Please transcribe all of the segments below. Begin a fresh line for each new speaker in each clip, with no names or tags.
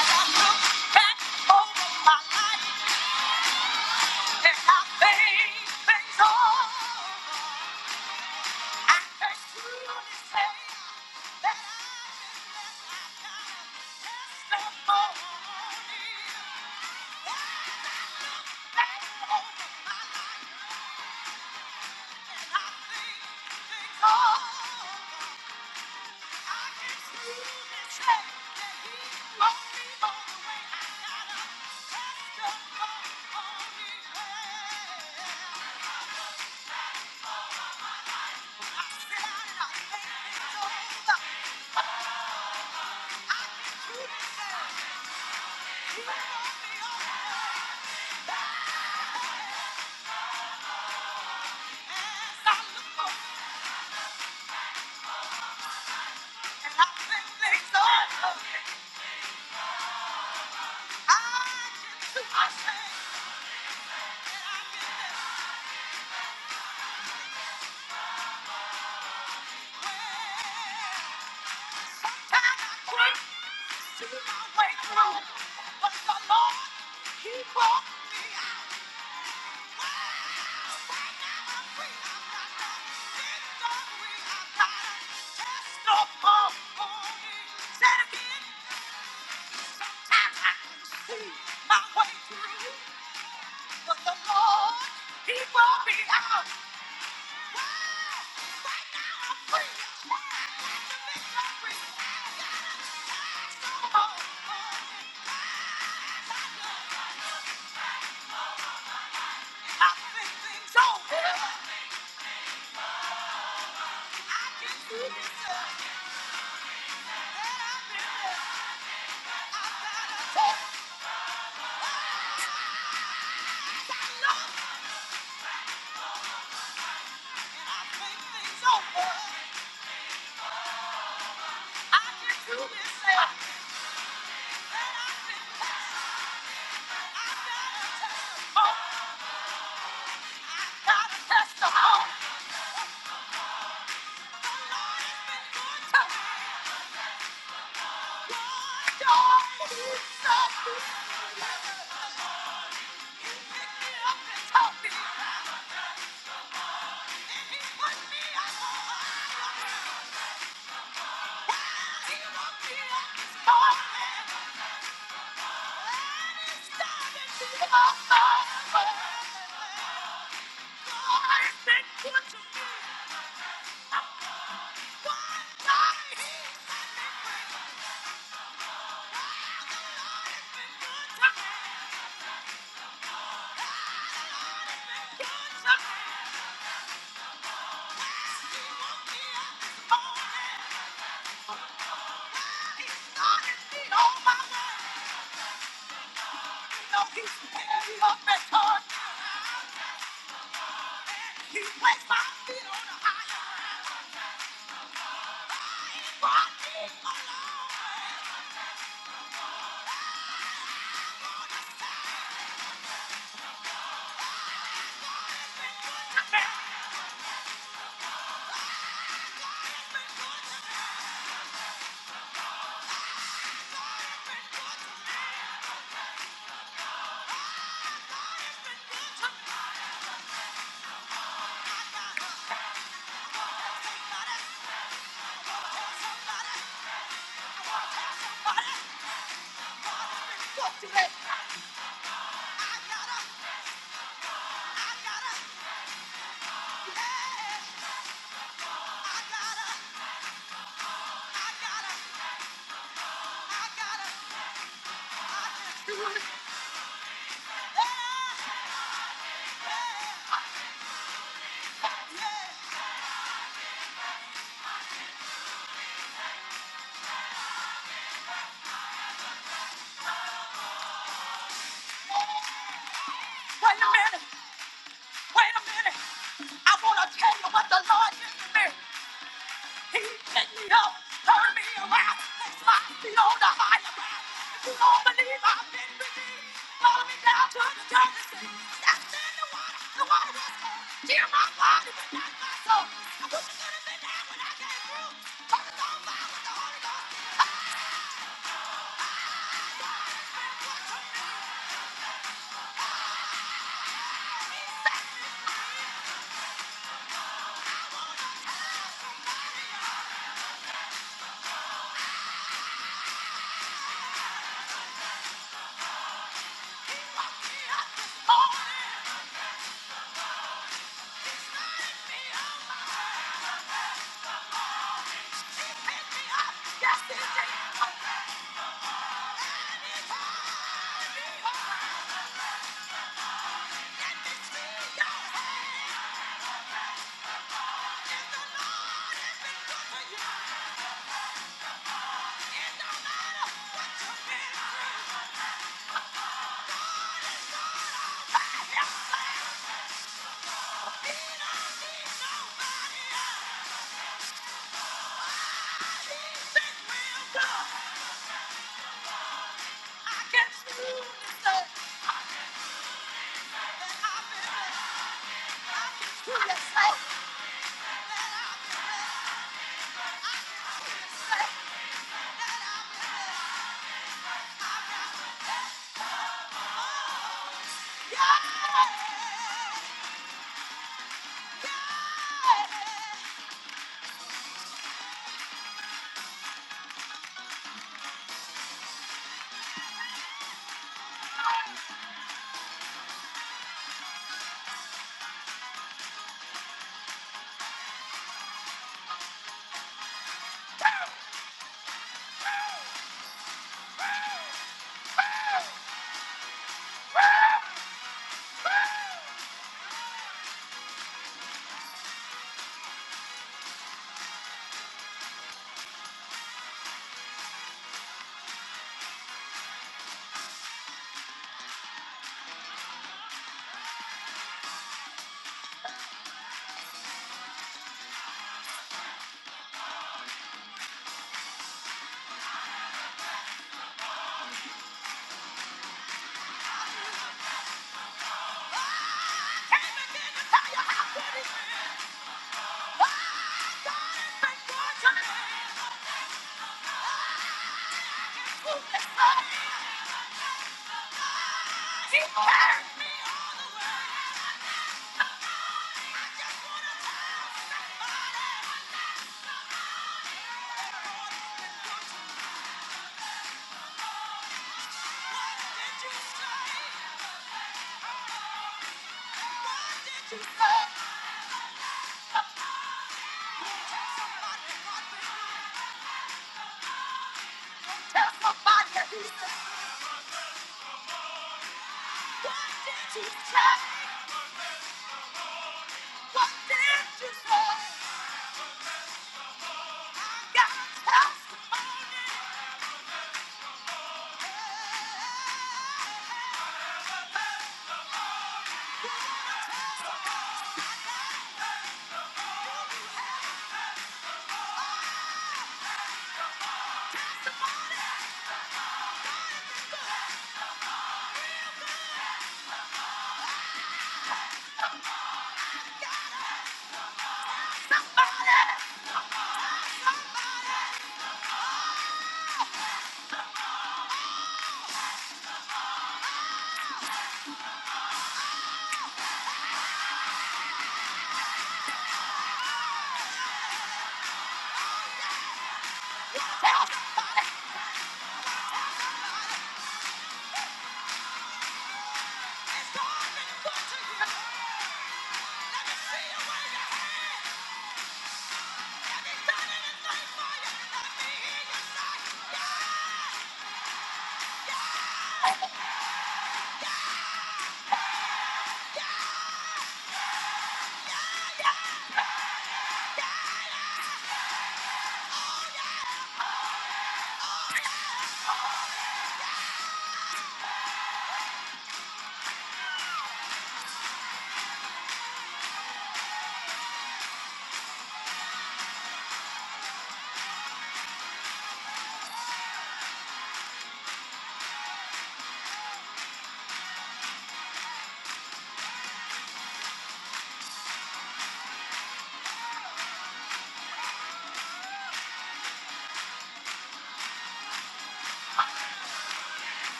Yeah. See my way through, but the Lord, He brought me out. I've been through this, and I've been there. I've got a taste. I I've Thank you. I gotta, I gotta, I gotta, I gotta. Wait a minute. Wait a minute. I want to tell you what the Lord did to me. He picked me up, turned me around, placed my feet on the higher ground. If you don't believe I've been redeemed, follow me down to the dirty sea. That's in the water. The water is cold. Hear my body, but not my soul. I was gonna be down when I came through. Focus on fire with the Holy Ghost. Oh, it picked me up, it picked me up. Yes, it did. i real good.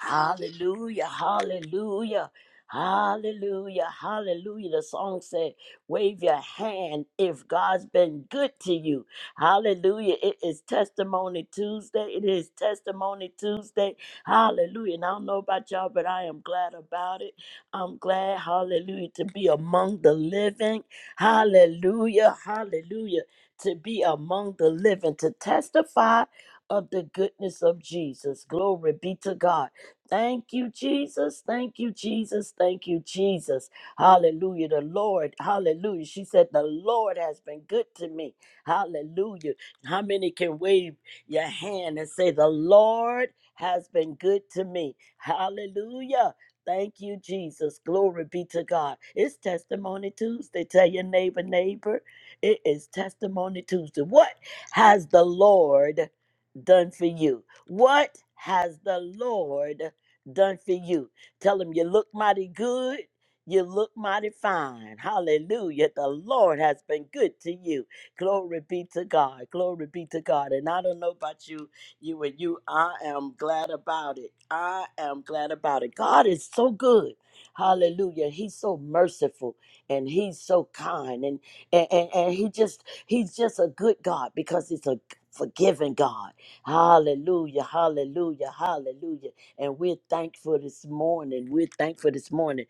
Hallelujah, hallelujah, hallelujah, hallelujah. The song said, Wave your hand if God's been good to you. Hallelujah. It is Testimony Tuesday. It is Testimony Tuesday. Hallelujah. And I don't know about y'all, but I am glad about it. I'm glad, hallelujah, to be among the living. Hallelujah, hallelujah, to be among the living, to testify of the goodness of Jesus. Glory be to God. Thank you, Jesus. Thank you, Jesus. Thank you, Jesus. Hallelujah. The Lord. Hallelujah. She said, The Lord has been good to me. Hallelujah. How many can wave your hand and say, The Lord has been good to me? Hallelujah. Thank you, Jesus. Glory be to God. It's Testimony Tuesday. Tell your neighbor, neighbor, it is Testimony Tuesday. What has the Lord done for you? What has the Lord done for you. Tell him you look mighty good. You look mighty fine. Hallelujah. The Lord has been good to you. Glory be to God. Glory be to God. And I don't know about you, you and you. I am glad about it. I am glad about it. God is so good. Hallelujah. He's so merciful and he's so kind. And and, and, and he just he's just a good God because he's a forgiving God. Hallelujah. Hallelujah. Hallelujah and we're thankful this morning. We're thankful this morning.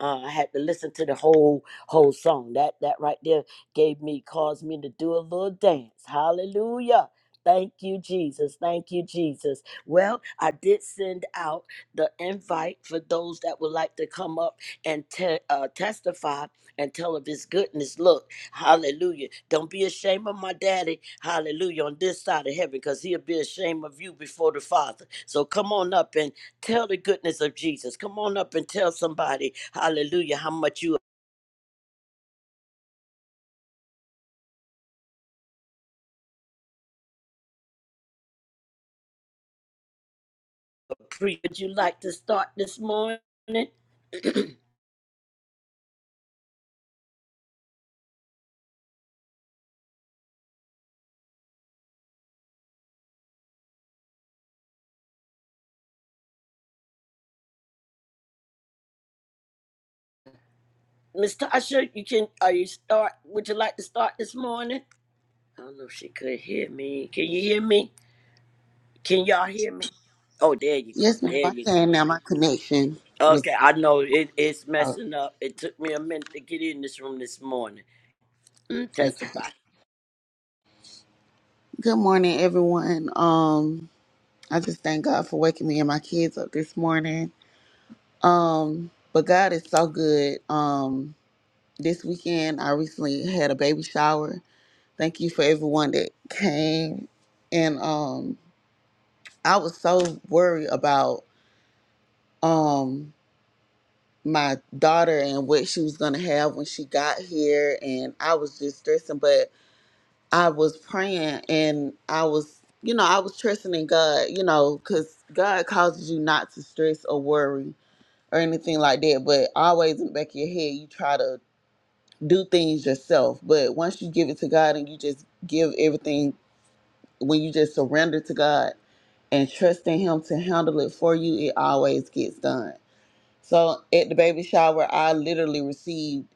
Uh, I had to listen to the whole whole song. That that right there gave me caused me to do a little dance. Hallelujah. Thank you, Jesus. Thank you, Jesus. Well, I did send out the invite for those that would like to come up and te- uh, testify and tell of his goodness. Look, hallelujah. Don't be ashamed of my daddy, hallelujah, on this side of heaven, because he'll be ashamed of you before the Father. So come on up Tell the goodness of Jesus. Come on up and tell somebody, hallelujah, how much you appreciate. Would you like to start this morning? Miss Tasha, you can, are you start, would you like to start this morning? I don't know if she could hear me. Can you hear me? Can y'all hear me? Oh, there you go.
Yes, ma'am.
There
I
you go.
can now. My connection
Okay,
was
I know it, it's
out.
messing up. It took me a minute to get in this room this morning. Mm,
Okay.
testify.
Good morning, everyone. Um, I just thank God for waking me and my kids up this morning. Um, but God is so good. Um, this weekend I recently had a baby shower. Thank you for everyone that came. And um, I was so worried about um my daughter and what she was gonna have when she got here, and I was just stressing. I was praying and I was, you know, I was trusting in God, you know, because God causes you not to stress or worry or anything like that. But always in the back of your head, you try to do things yourself. But once you give it to God and you just give everything, when you just surrender to God and trust in Him to handle it for you, it always gets done. So at the baby shower, I literally received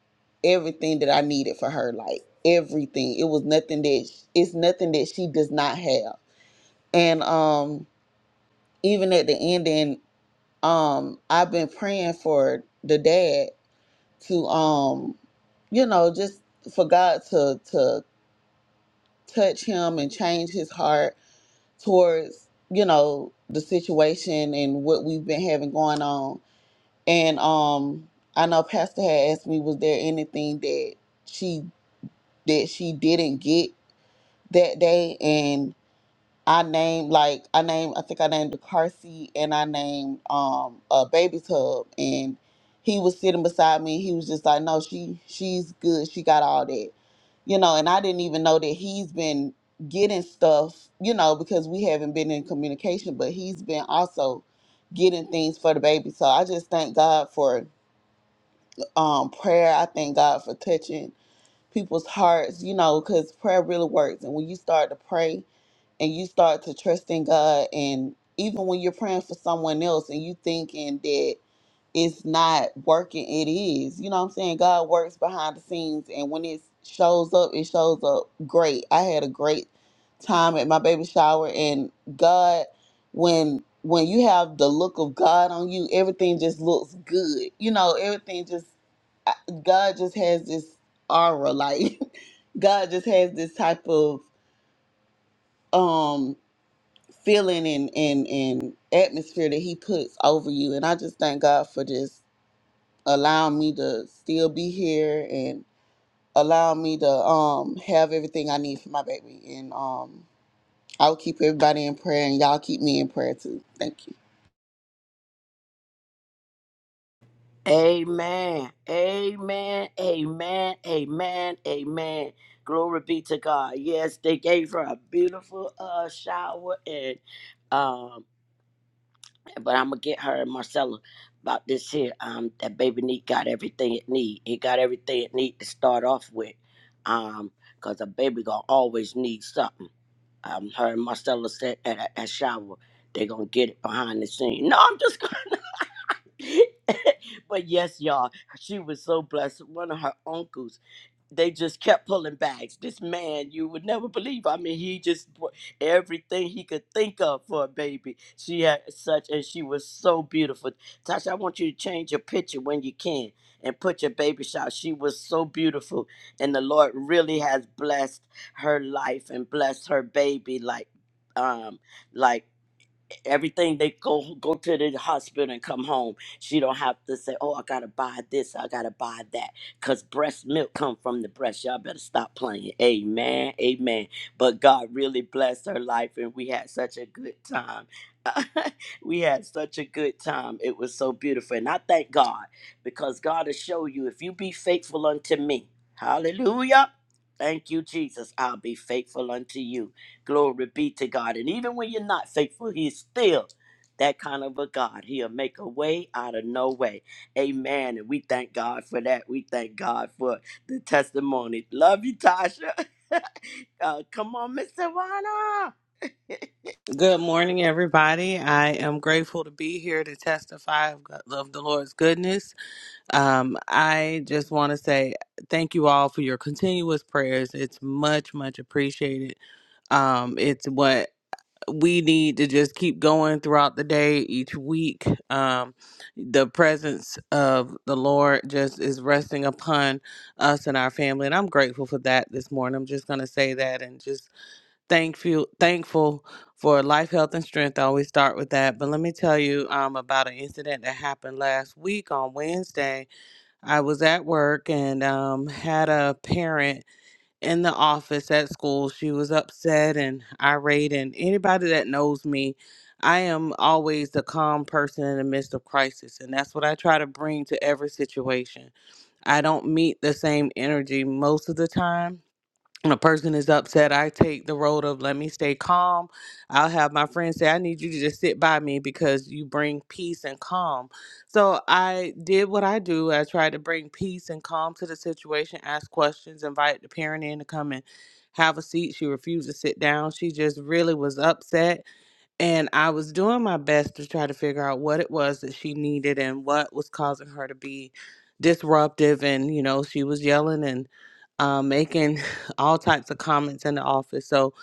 everything that I needed for her, like everything. It was nothing that it's nothing that she does not have. And um, even at the ending, um, I've been praying for the dad to um, you know, just for God to to touch him and change his heart towards you know the situation and what we've been having going on And um, I know Pastor had asked me, was there anything that she that she didn't get that day? And I named like I named I think I named the car seat and I named um a baby tub and he was sitting beside me. He was just like, no, she she's good. She got all that, you know. And I didn't even know that he's been getting stuff, you know, because we haven't been in communication. But he's been also getting things for the baby. So I just thank God for um, prayer. I thank God for touching people's hearts, you know, because prayer really works. And when you start to pray, and you start to trust in God and even when you're praying for someone else and you thinking that it's not working, it is. You know what I'm saying? God works behind the scenes and when it shows up, it shows up great. I had a great time at my baby shower and God when when you have the look of God on you, everything just looks good. You know, everything just I- God just has this aura like God just has this type of um feeling and, and, and atmosphere that he puts over you. And I just thank God for just allowing me to still be here and allow me to um have everything I need for my baby. And um I'll keep everybody in prayer and y'all keep me in prayer too. Thank you.
Amen. Amen. Amen. Amen. Amen. Glory be to God. Yes, they gave her a beautiful uh shower and um but I'm gonna get her and Marcella about this here. Um that baby neat got everything it need. It got everything it need to start off with. Um cause a baby gonna always need something um, her and Marcella said at a, at shower, they gonna get it behind the scene. No, I'm just but yes, y'all, she was so blessed. One of her uncles, they just kept pulling bags. This man, you would never believe. I mean, he just brought everything he could think of for a baby. She had such, and she was so beautiful. Tasha, I want you to change your picture when you can and put your baby shot. She was so beautiful, and the Lord really has blessed her life and blessed her baby like, um, like everything they go go to the hospital and come home she don't have to say oh i gotta buy this i gotta buy that because breast milk come from the breast y'all better stop playing amen amen but god really blessed her life and we had such a good time we had such a good time it was so beautiful and i thank god because god will show you if you be faithful unto me hallelujah thank you jesus i'll be faithful unto you Glory be to God. And even when you're not faithful, He's still that kind of a God. He'll make a way out of no way. Amen. And we thank God for that. We thank God for the testimony. Love you, Tasha. uh, come on, Miss Savannah.
Good morning, everybody. I am grateful to be here to testify of, God- of the Lord's goodness. Um, I just want to say thank you all for your continuous prayers. It's much, much appreciated. Um, it's what we need to just keep going throughout the day, each week. Um, the presence of the Lord just is resting upon us and our family, and I'm grateful for that this morning. I'm just going to say that and just thankful thankful for life, health, and strength. I always start with that. But let me tell you um, about an incident that happened last week on Wednesday. I was at work and um, had a parent in the office at school. She was upset and irate. And anybody that knows me, I am always the calm person in the midst of crisis. And that's what I try to bring to every situation. I don't meet the same energy most of the time when a person is upset, I take the road of let me stay calm. I'll have my friends say, I need you to just sit by me because you bring peace and calm. So I did what I do. I tried to bring peace and calm to the situation, ask questions, invite the parent in to come and have a seat. She refused to sit down. She just really was upset. And I was doing my best to try to figure out what it was that she needed and what was causing her to be disruptive. And, you know, she was yelling and uh, making all types of comments in the office. So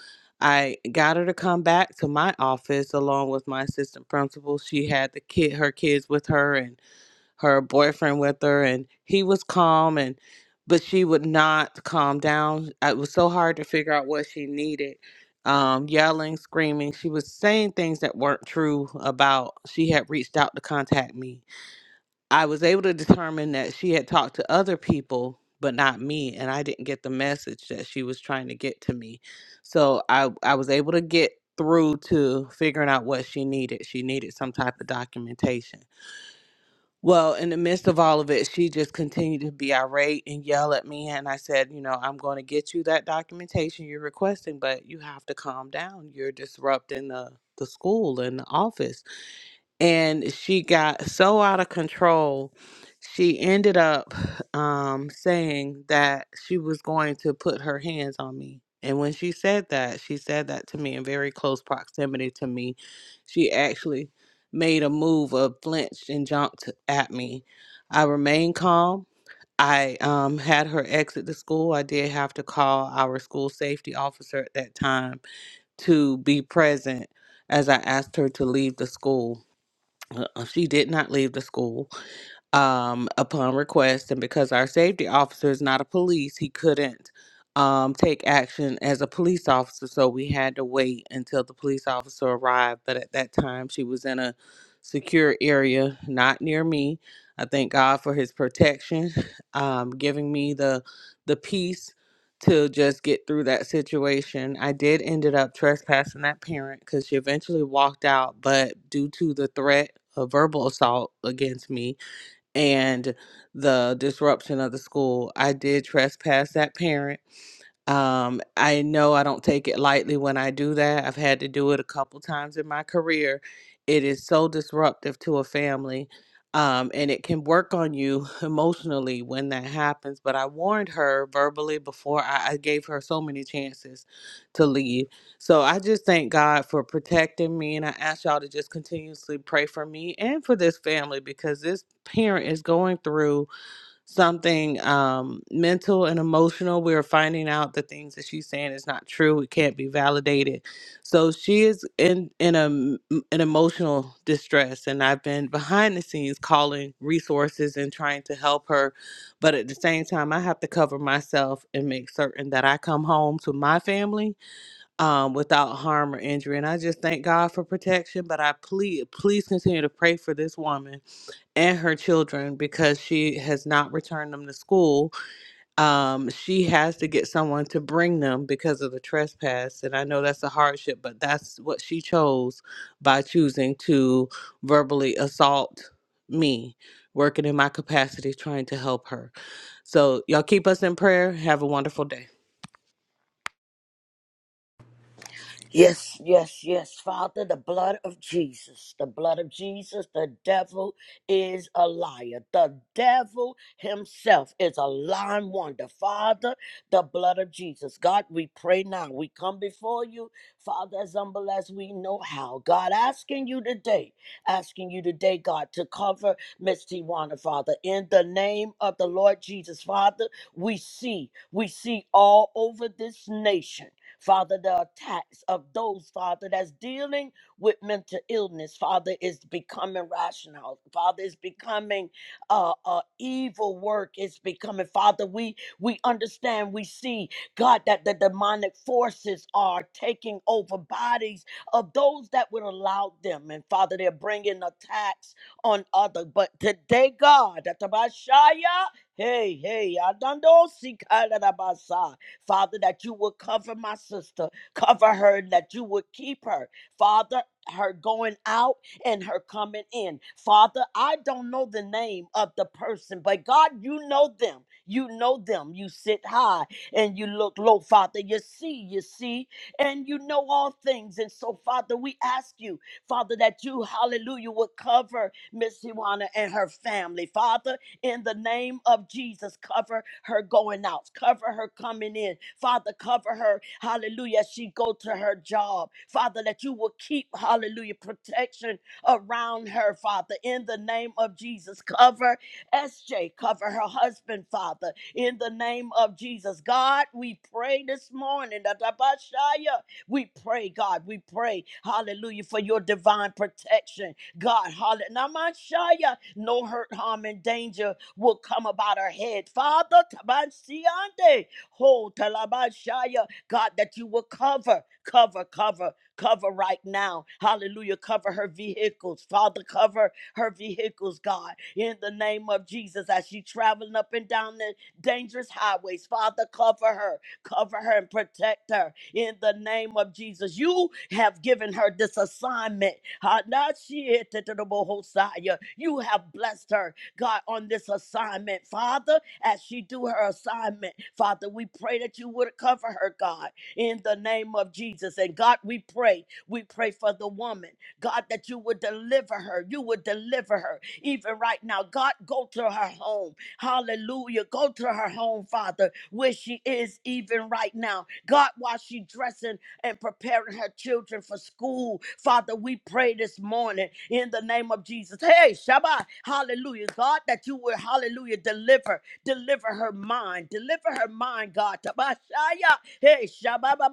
I got her to come back to my office along with my assistant principal. She had the kid, her kids with her, and her boyfriend with her, and he was calm, and but she would not calm down. It was so hard to figure out what she needed. Um, yelling, screaming. She was saying things that weren't true about. She had reached out to contact me I was able to determine that she had talked to other people, but not me, and I didn't get the message that she was trying to get to me. So I, I was able to get through to figuring out what she needed. She needed some type of documentation. Well, in the midst of all of it, she just continued to be irate and yell at me. And I said, You know, I'm going to get you that documentation you're requesting, but you have to calm down. You're disrupting the, the school and the office and she got so out of control she ended up um, saying that she was going to put her hands on me and when she said that she said that to me in very close proximity to me she actually made a move of flinched and jumped at me i remained calm i um, had her exit the school i did have to call our school safety officer at that time to be present as i asked her to leave the school uh, She did not leave the school um, upon request, and because our safety officer is not a police, he couldn't um, take action as a police officer. So we had to wait until the police officer arrived. But at that time, she was in a secure area, not near me. I thank God for His protection, um, giving me the the peace to just get through that situation. I did ended up trespassing that parent because she eventually walked out, but due to the threat of verbal assault against me, and the disruption of the school. I did trespass that parent um, I know I don't take it lightly when I do that. I've had to do it a couple times in my career. It is so disruptive to a family. Um, and it can work on you emotionally when that happens. But I warned her verbally before I, I gave her so many chances to leave. So I just thank God for protecting me. And I ask y'all to just continuously pray for me and for this family because this parent is going through something um, mental and emotional. We are finding out the things that she's saying is not true. It can't be validated. So she is in in a m- an emotional distress, and I've been behind the scenes calling resources and trying to help her, but at the same time, I have to cover myself and make certain that I come home to my family um, without harm or injury. And I just thank God for protection. But I plead, please continue to pray for this woman and her children because she has not returned them to school. Um, she has to get someone to bring them because of the trespass. And I know that's a hardship, but that's what she chose by choosing to verbally assault me, working in my capacity, trying to help her. So, y'all keep us in prayer. Have a wonderful day.
Yes, yes, yes, Father, the blood of Jesus, the blood of Jesus, the devil is a liar. The devil himself is a lying wonder. Father, the blood of Jesus. God, we pray now. We come before you, Father, as humble as we know how. God, asking you today, asking you today, God, to cover Miss Tiwana, Father, in the name of the Lord Jesus. Father, we see, we see all over this nation Father, the attacks of those, Father, that's dealing with mental illness, Father, is becoming rational. Father, is becoming uh, uh, evil work. It's becoming, Father, we we understand, we see, God, that the demonic forces are taking over bodies of those that would allow them. And Father, they're bringing attacks on other. But today, God, that the Messiah, hey, hey, I don't know, see, Father, that you would cover my sister, cover her, and that you would keep her. Father, her going out and her coming in. Father, I don't know the name of the person, but God, you know them. You know them. You sit high and you look low, Father. You see, you see, and you know all things. And so, Father, we ask you, Father, that you, hallelujah, would cover Miss Iwana and her family. Father, in the name of Jesus. Cover her going out, cover her coming in. Father, cover her, hallelujah, as she go to her job. Father, that you will keep, hallelujah, protection around her, Father, in the name of Jesus. Cover SJ, cover her husband, Father, in the name of Jesus. God, we pray this morning, that Abashaya, we pray, God, we pray, hallelujah, for your divine protection God, hallelujah. Namashaya, No hurt, harm, and danger will come about her head. Father, tabansiande, ho, talabashaya. God, that you will cover, cover, cover, cover right now. Hallelujah. Cover her vehicles. Father, cover her vehicles, God, in the name of Jesus, as she traveling up and down the dangerous highways. Father, cover her. Cover her and protect her in the name of Jesus. You have given her this assignment. Hanashietetetobohosaya. You have blessed her, God, on this assignment. Father, as she do her assignment, Father, we pray that you would cover her, God, in the name of Jesus. And God, we pray, we pray for the woman, God, that you would deliver her. You would deliver her even right now. God, go to her home. Hallelujah. Go to her home, Father, where she is even right now. God, while she's dressing and preparing her children for school, Father, we pray this morning in the name of Jesus. Hey, Shabbat. Hallelujah. God, that you will, hallelujah, deliver, deliver her mind, deliver her mind, God. Tabashaya. Hey, Shabbat.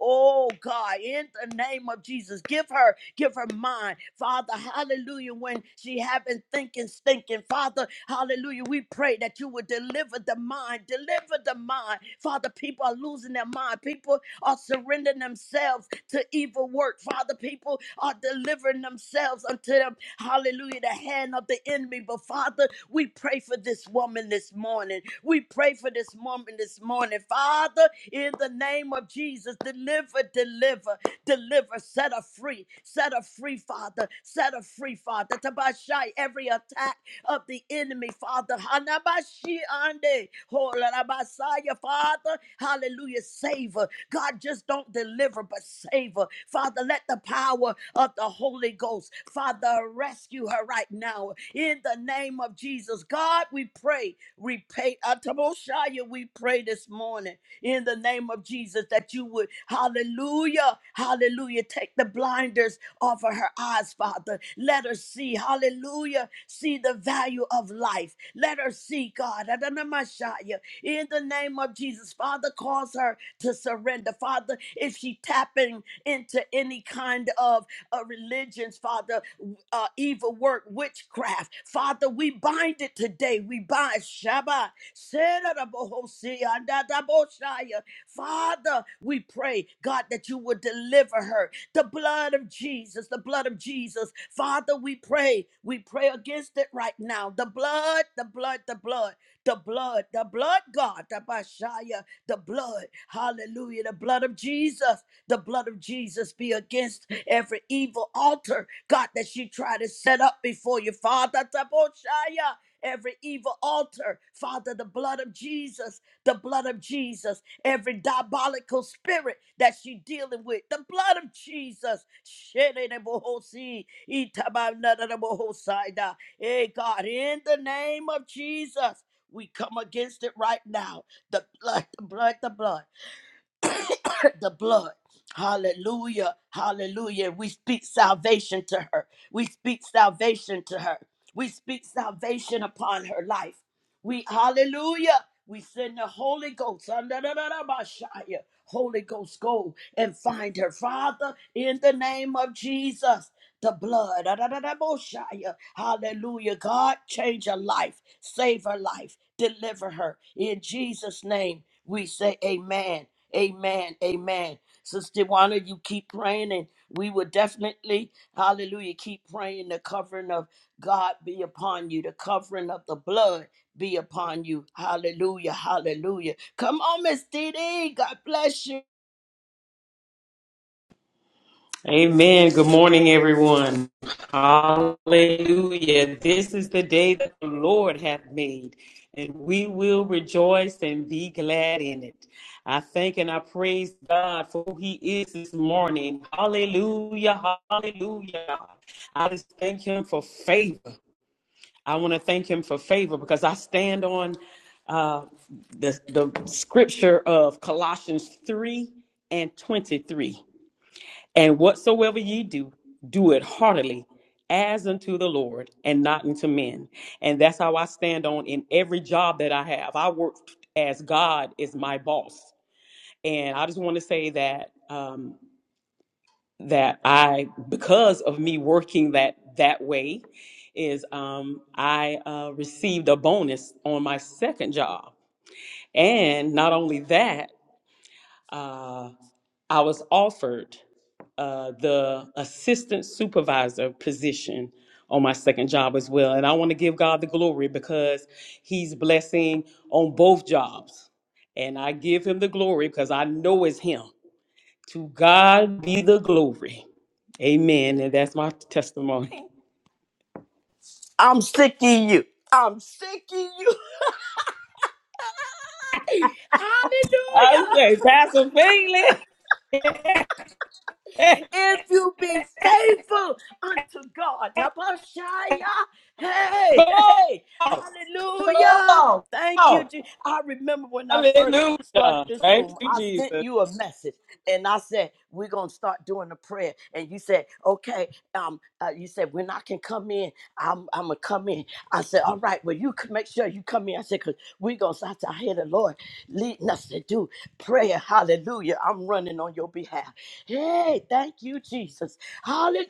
Oh God, in the name of Jesus, give her, give her mind, Father. Hallelujah. When she have been thinking, stinking, Father, hallelujah. We pray that you would deliver the mind, deliver the mind, Father. People are losing their mind. People are surrendering themselves themselves to evil work. Father, people are delivering themselves unto them. Hallelujah, the hand of the enemy. But Father, we pray for this woman this morning. We pray for this woman this morning. Father, in the name of Jesus, deliver, deliver deliver, set her free, set her free, Father, set her free, Father. Tabashai, every attack of the enemy, Father. Hanabashi ande, holalabasaya, Father, hallelujah, save her. God, just don't deliver, but save her. Father, let the power of the Holy Ghost, Father, rescue her right right now in the name of Jesus. God, we pray, repay Atamoshaya, we pray this morning in the name of Jesus that you would, hallelujah, hallelujah, take the blinders off of her eyes, Father. Let her see, hallelujah, see the value of life. Let her see, God, Adonamashaya, in the name of Jesus. Father, cause her to surrender. Father, if she tapping into any kind of uh, religions, Father, uh, evil work, witchcraft. Father, we bind it today. We bind Shabbat. Serarabohosiandadaboshaya. Father, we pray, God, that you would deliver her. The blood of Jesus, the blood of Jesus. Father, we pray. We pray against it right now. The blood, the blood, the blood. The blood, the blood, God, the Bashaya, the blood, hallelujah, the blood of Jesus, the blood of Jesus be against every evil altar, God, that she try to set up before you, Father, the Bashaya, every evil altar, Father, the blood of Jesus, the blood of Jesus, every diabolical spirit that she dealing with, the blood of Jesus, Shedebohosi, Itabanadabohosaida. Hey God, in the name of Jesus, we come against it right now. The blood, the blood, the blood. the blood. Hallelujah. Hallelujah. We speak salvation to her. We speak salvation to her. We speak salvation upon her life. We hallelujah. We send the Holy Ghost. ah, da, da, da, da, ba, shia. Holy Ghost, go and find her. Father, in the name of Jesus, the blood. ah, da, da, da, bo, shia. Hallelujah. God, change her life. Save her life. Deliver her. In Jesus' name, we say amen Amen. Amen. Sister Juana, you keep praying, and we will definitely, hallelujah, keep praying the covering of God be upon you, the covering of the blood be upon you. Hallelujah. Hallelujah. Come on, Miss Dee. Dee. God bless you.
Amen. Good morning, everyone. Hallelujah. This is the day that the Lord hath made, and we will rejoice and be glad in it. I thank and I praise God for who He is this morning. Hallelujah. Hallelujah. I just thank Him for favor. I want to thank Him for favor because I stand on uh, the, the scripture of Colossians 3 and 23. And whatsoever ye do, do it heartily as unto the Lord and not unto men. And that's how I stand on in every job that I have. I work as God is my boss. And I just want to say that um that I because of me working that that way is um I uh received a bonus on my second job. And not only that, uh, I was offered uh, the assistant supervisor position on my second job as well. And I want to give God the glory because He's blessing on both jobs. And I give Him the glory because I know it's Him. To God be the glory. Amen. And that's my testimony.
I'm sick of you. I'm sick of you. Hallelujah.
I say, Pastor Finley,
If you be faithful unto God, Abashaya, hey,
come on,
hey,
come
hallelujah.
on, come
Thank
on.
you. Je- I remember when I first started
Hallelujah.
this
Thank
room,
you,
I sent
Jesus.
you a message and I said, We're going to start doing a prayer. And you said, Okay. Um, uh, you said, When I can come in, I'm, I'm going to come in. I said, All right. Well, you can make sure you come in. I said, Because we're going to, start to hear the Lord leading us to do prayer. Hallelujah. I'm running on your behalf. Hey, thank you, Jesus. Hallelujah.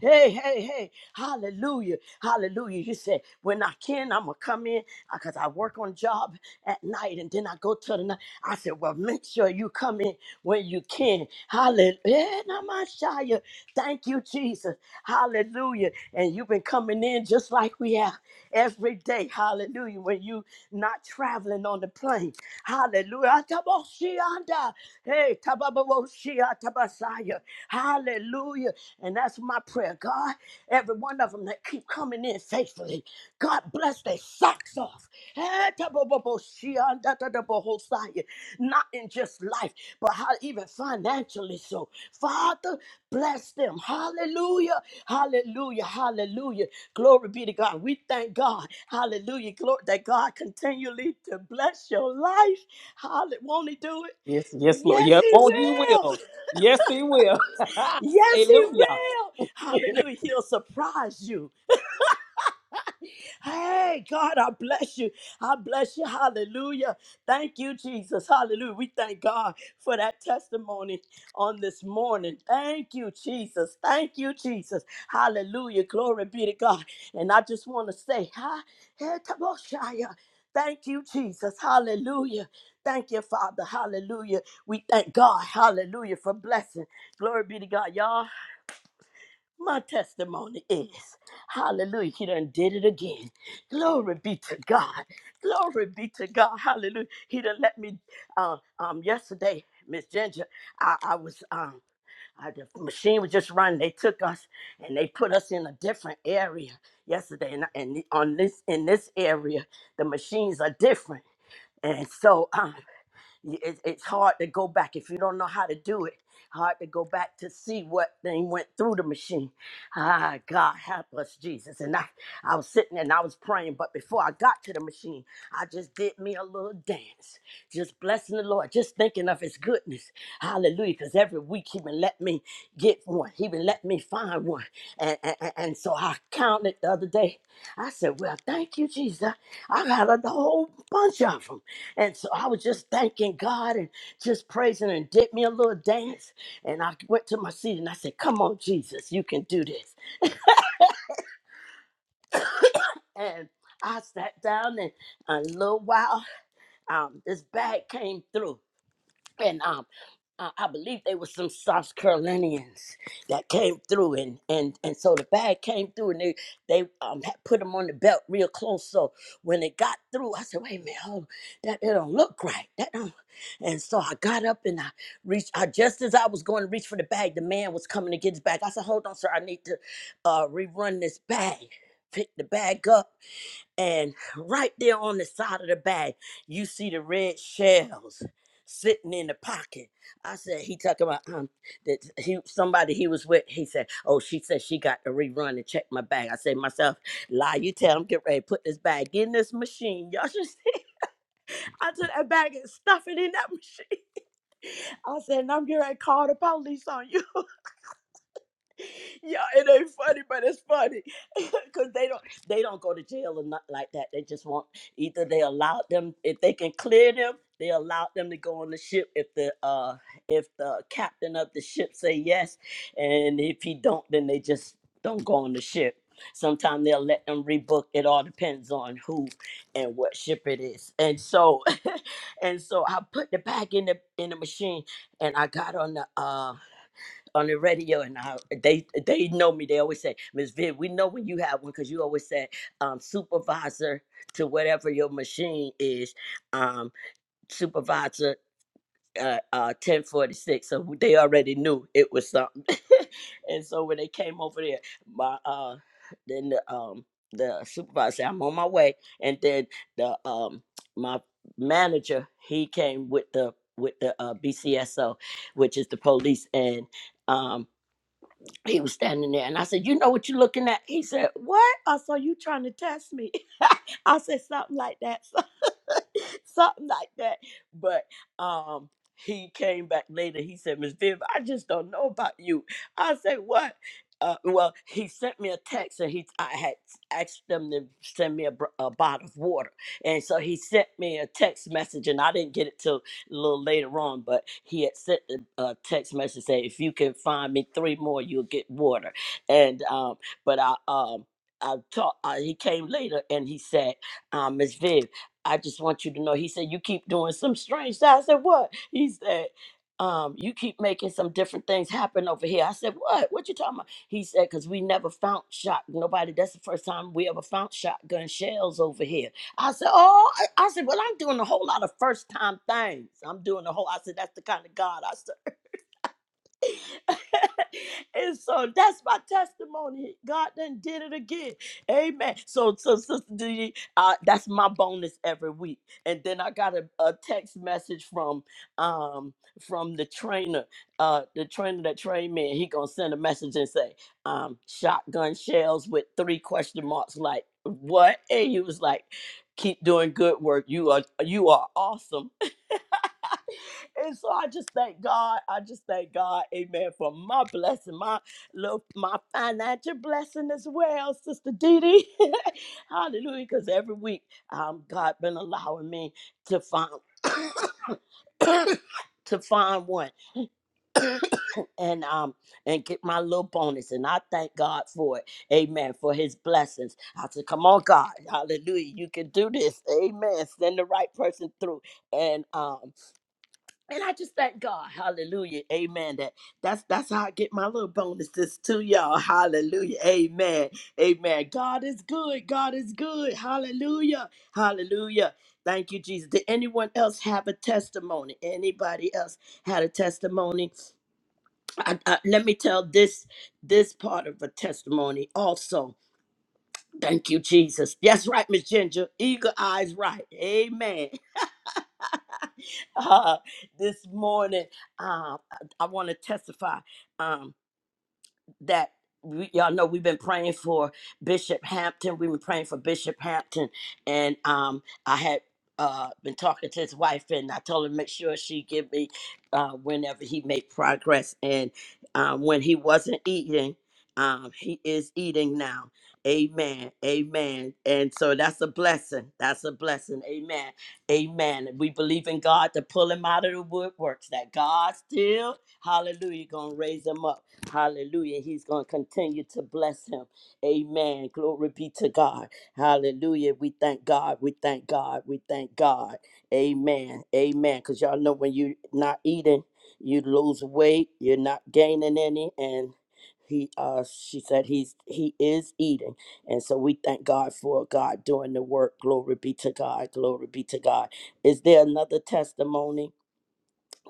Hey, hey, hey. Hallelujah. Hallelujah. You said, when I can, I'm going to come in because I work on job at night and then I go to the night. I said, well, make sure you come in when you can. Hallelujah. Hey, Namashaya. Thank you, Jesus. Hallelujah. And you've been coming in just like we have every day. Hallelujah. When you not traveling on the plane. Hallelujah. Ataboshianda. Hey, Tababawoshia Tabasaya. Hallelujah. And that's my prayer. God, every one of them that keep coming in faithfully, God bless their socks off. Hey, Tababawoshia Dadadabahoshaya. Not in just life, but how even financially. So, Father, bless them. Hallelujah. Hallelujah. Hallelujah. Glory be to God. We thank God. Hallelujah. Glory that God continually to bless your life. Hallelujah. Won't He do it?
Yes, yes, Lord.
Yes,
Yeah,
he
won't he
will.
will. Yes, he will.
Yes, he
Hallelujah.
will. Hallelujah. He'll surprise you. Hey, God, I bless you. I bless you. Hallelujah. Thank you, Jesus. Hallelujah. We thank God for that testimony on this morning. Thank you, Jesus. Thank you, Jesus. Hallelujah. Glory be to God. And I just want to say, hi, hey, Taboshaya. Thank you, Jesus. Hallelujah. Thank you, Father. Hallelujah. We thank God. Hallelujah for blessing. Glory be to God. Y'all my testimony is, hallelujah, he done did it again. Glory be to God. Glory be to God. Hallelujah. He done let me, um, um yesterday, Miss Ginger, I, I was, um, I, the machine was just running. They took us and they put us in a different area yesterday. And, and on this, in this area, the machines are different. And so, um y- it, it's hard to go back if you don't know how to do it hard to go back to see what thing went through the machine ah god help us jesus and i i was sitting and i was praying but before i got to the machine i just did me a little dance just blessing the lord just thinking of his goodness hallelujah because every week he been let me get one he been let me find one and, and and and so i counted the other day i said well thank you jesus i I got a whole bunch of them. And so I was just thanking God and just praising and did me a little dance. And I went to my seat and I said, Come on, Jesus, you can do this. And I sat down and a little while, um, this bag came through. and um, I, I believe they were some South Carolinians that came through, and and and so the bag came through, and they they um had put them on the belt real close. So when it got through, I said, "Wait a minute, hold on, that that don't look right." That don't. And so I got up and I reached. I just as I was going to reach for the bag, the man was coming to get his bag. I said, "Hold on, sir, I need to uh, rerun this bag." Pick the bag up and right there on the side of the bag, you see the red shells sitting in the pocket. I said, he talking about um that he somebody he was with, he said, Oh, she said she got to rerun and check my bag. I said myself, lie, you tell him, get ready, put this bag in this machine. Y'all should see I took that bag and stuff it in that machine. I said, and I'm getting ready to call the police on you. Yeah, it ain't funny, but it's funny because they don't they don't go to jail or nothing like that. They just want either they allowed them if they can clear them, they allowed them to go on the ship if the uh if the captain of the ship say yes, and if he don't, then they just don't go on the ship. Sometimes they'll let them rebook. It all depends on who and what ship it is. And so, and so I put the bag in the in the machine, and I got on the uh on the radio and I, they they know me. They always say, "Miss Viv, we know when you have one because you always said um, supervisor to whatever your machine is, um, supervisor uh, uh, 1046. So they already knew it was something. and so when they came over there, my uh, then the, um, the supervisor said, I'm on my way. And then the um, my manager, he came with the with the uh, BCSO, which is the police, and um, he was standing there and I said, You know what you're looking at? He said, What? I saw you trying to test me. I said something like that. something like that. But um he came back later. He said, Miss Viv, I just don't know about you. I said, What? Uh, well, he sent me a text, and he I had asked them to send me a, br- a bottle of water, and so he sent me a text message, and I didn't get it till a little later on. But he had sent a text message saying, "If you can find me three more, you'll get water." And um, but I um I talked. Uh, he came later and he said, um, "Miss Viv, I just want you to know." He said, "You keep doing some strange." stuff." I said, "What?" He said. Um, you keep making some different things happen over here. I said, What? What you talking about? He said, Because we never found shot. Nobody, that's the first time we ever found shotgun shells over here. I said, Oh, I, I said, well, I'm doing a whole lot of first time things. I'm doing a whole, I said, that's the kind of God I and so that's my testimony. God done did it again. Amen. So, so Sister D, uh, that's my bonus every week. And then I got a, a text message from um from the trainer, uh the trainer that trained me, and he gonna send a message and say, um, shotgun shells with three question marks, like what? And he was like, keep doing good work. You are you are awesome and so I just thank God. I just thank God, amen, for my blessing, my little my financial blessing as well, Sister Dee Dee. Hallelujah. Because every week um God been allowing me to find to find one and um and get my little bonus. And I thank God for it. Amen. For his blessings. I said, come on, God. Hallelujah. You can do this. Amen. Send the right person through. And um and I just thank God, Hallelujah, Amen. That that's that's how I get my little bonuses to y'all, Hallelujah, Amen, Amen. God is good, God is good, Hallelujah, Hallelujah. Thank you, Jesus. Did anyone else have a testimony? Anybody else had a testimony? I, I, let me tell this this part of a testimony also. Thank you, Jesus. That's right, Miss Ginger. Eagle eyes, right. Amen. uh, this morning. Uh, I, I want to testify. Um, that we, y'all know we've been praying for Bishop Hampton. We've been praying for Bishop Hampton, and um, I had uh, been talking to his wife, and I told her to make sure she give me uh, whenever he made progress. And um, when he wasn't eating, um, he is eating now. Amen. Amen. And so that's a blessing. That's a blessing. Amen. Amen. We believe in God to pull him out of the woodworks. That God still, Hallelujah, gonna raise him up. Hallelujah. He's going to continue to bless him. Amen. Glory be to God. Hallelujah. We thank God. We thank God. We thank God. Amen. Amen. Because y'all know when you're not eating, you lose weight. You're not gaining any. And he uh she said he's he is eating. And so we thank God for God doing the work. Glory be to God. Glory be to God. Is there another testimony?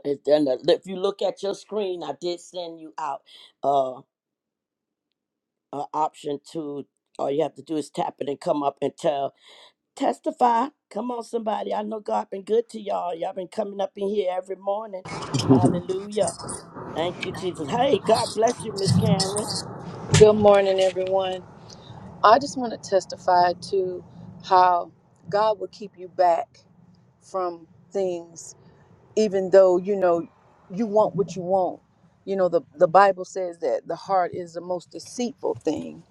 Is there another, if you look at your screen, I did send you out. uh, uh, option to all you have to do is tap it and come up and tell testify come on somebody i know god been good to y'all y'all been coming up in here every morning
Mhm.
hallelujah thank you jesus hey god bless you miss karen
Good morning, everyone. I just want to testify to how God will keep you back from things, even though you know you want what you want. You know, the, the Bible says that the heart is the most deceitful thing.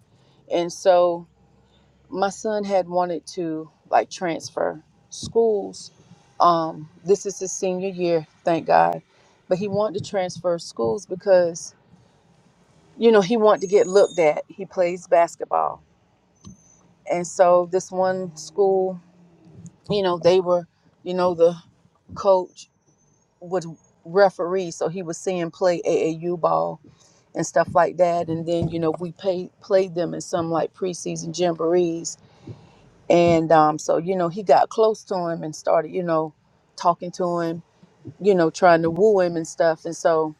And so my son had wanted to like transfer schools. Um, this is his senior year, thank God. But he wanted to transfer schools because, you know, he wanted to get looked at. He plays basketball And so this one school, you know, they were, you know, the coach would referee, so he was seeing play AAU ball and stuff like that. And then, you know, we pay, played them in some like preseason jamborees. And um, so, you know, he got close to him and started, you know, talking to him you know, trying to woo him and stuff. And so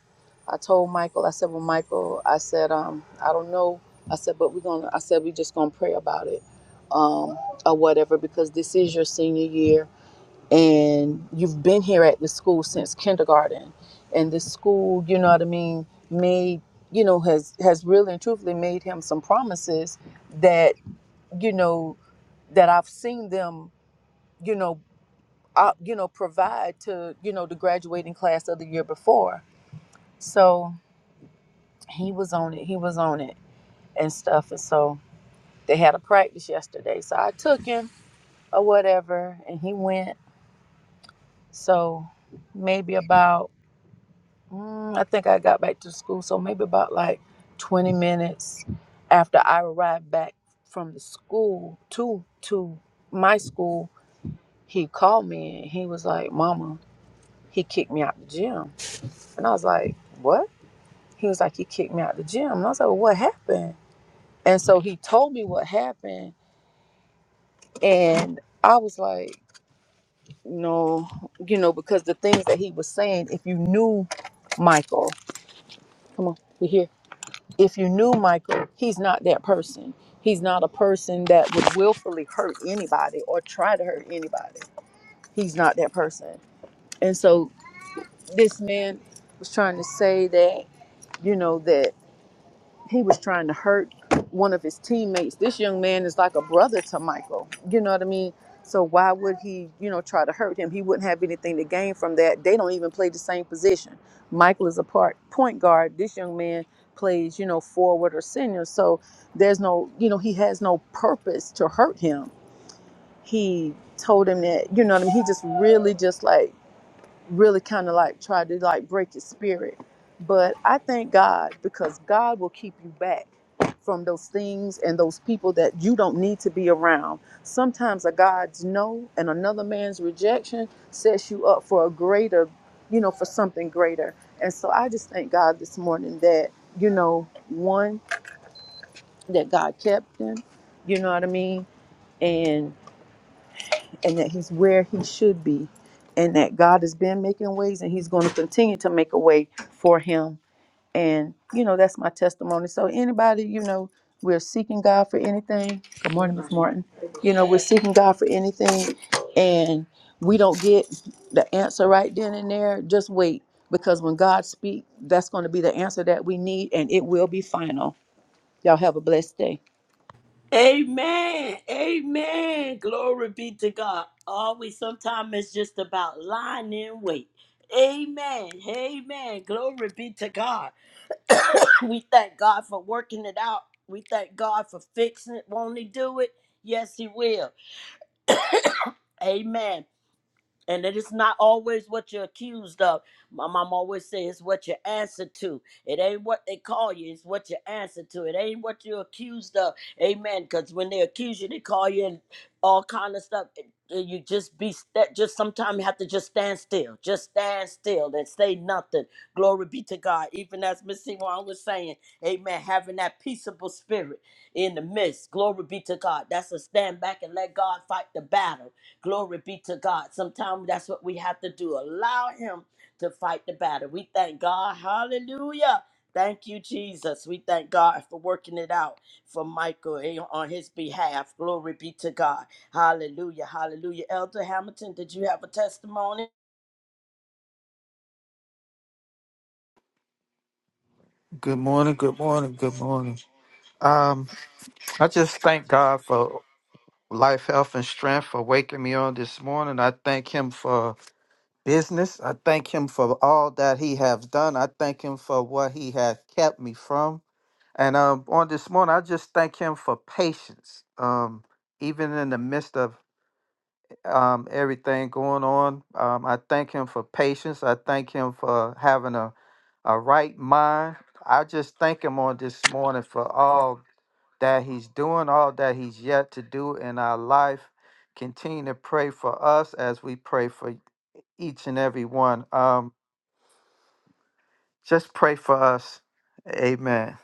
I told Michael, I said, Well, Michael, I said, um, I don't know. I said, but we're gonna I said we just gonna pray about it, um, or whatever, because this is your senior year and you've been here at the school since kindergarten. And the school, you know what I mean, made you know, has has really and truthfully made him some promises that, you know, that I've seen them, you know, uh, you know, provide to, you know, the graduating class of the year before. So he was on it. He was on it and stuff. And so they had a practice yesterday. So I took him or whatever, and he went. So maybe about, mm, I think I got back to school. So maybe about like 20 minutes after I arrived back from the school to to my school, he called me and he was like, "Mama, he kicked me out the gym." And I was like, "What?" He was like, You kicked me out the gym. And I was like, well, What happened? And so he told me what happened. And I was like, No, you know, because the things that he was saying, if you knew Michael, come on, we here. If you knew Michael, he's not that person. He's not a person that would willfully hurt anybody or try to hurt anybody. He's not that person. And so this man was trying to say that, you know, that. he was trying to hurt one of his teammates. This young man is like a brother to Michael. You know what I mean? So why would he, you know, try to hurt him? He wouldn't have anything to gain from that. They don't even play the same position. Michael is a part point guard. This young man plays, you know, forward or senior. So there's no, you know, he has no purpose to hurt him. He told him that, you know what I mean? He just really just like really kind of like try to like break his spirit. But I thank God because God will keep you back from those things and those people that you don't need to be around. Sometimes a God's no and another man's rejection sets you up for a greater, you know, for something greater. And so I just thank God this morning that, you know, one, that God kept him, you know what I mean? and that he's where he should be and that God has been making ways and he's going to continue to make a way for him and you know that's my testimony so anybody you know we're seeking God for anything good morning Miss Martin you know we're seeking God for anything and we don't get the answer right then and there just wait because when God speaks that's going to be the answer that we need and it will be final y'all have a blessed day
Amen. Amen. Glory be to God. Always, sometimes it's just about lying in wait. Amen. Amen. Glory be to God. We thank God for working it out. We thank God for fixing it. Won't He do it? Yes, He will. Amen. And it is not always what you're accused of. My mom always says it's what you answer to. It ain't what they call you, it's what you answer to. It ain't what you're accused of. Amen. Because when they accuse you, they call you and all kind of stuff. And- and You just be that just sometimes you have to just stand still. Just stand still and say nothing. Glory be to God. Even as Miss Simon was saying, Amen. Having that peaceable spirit in the midst. Glory be to God. That's a stand back and let God fight the battle. Glory be to God. Sometimes that's what we have to do. Allow Him to fight the battle. We thank God. Hallelujah. Thank you, Jesus. We thank God for working it out for Michael eh, on his behalf. Glory be to God. Hallelujah. Hallelujah. Elder Hamilton, did you have a testimony?
Good morning, good morning, good morning. Um, I just thank God for life, health, and strength for waking me on this morning. I thank him for business. I thank him for all that he has done. I thank him for what he has kept me from. And um, on this morning, I just thank him for patience. Um, even in the midst of um, everything going on, um, I thank him for patience. I thank him for having a, a right mind. I just thank him on this morning for all that He's doing, all that He's yet to do in our life. Continue to pray for us as we pray for each and every one. Um, just pray for us. Amen.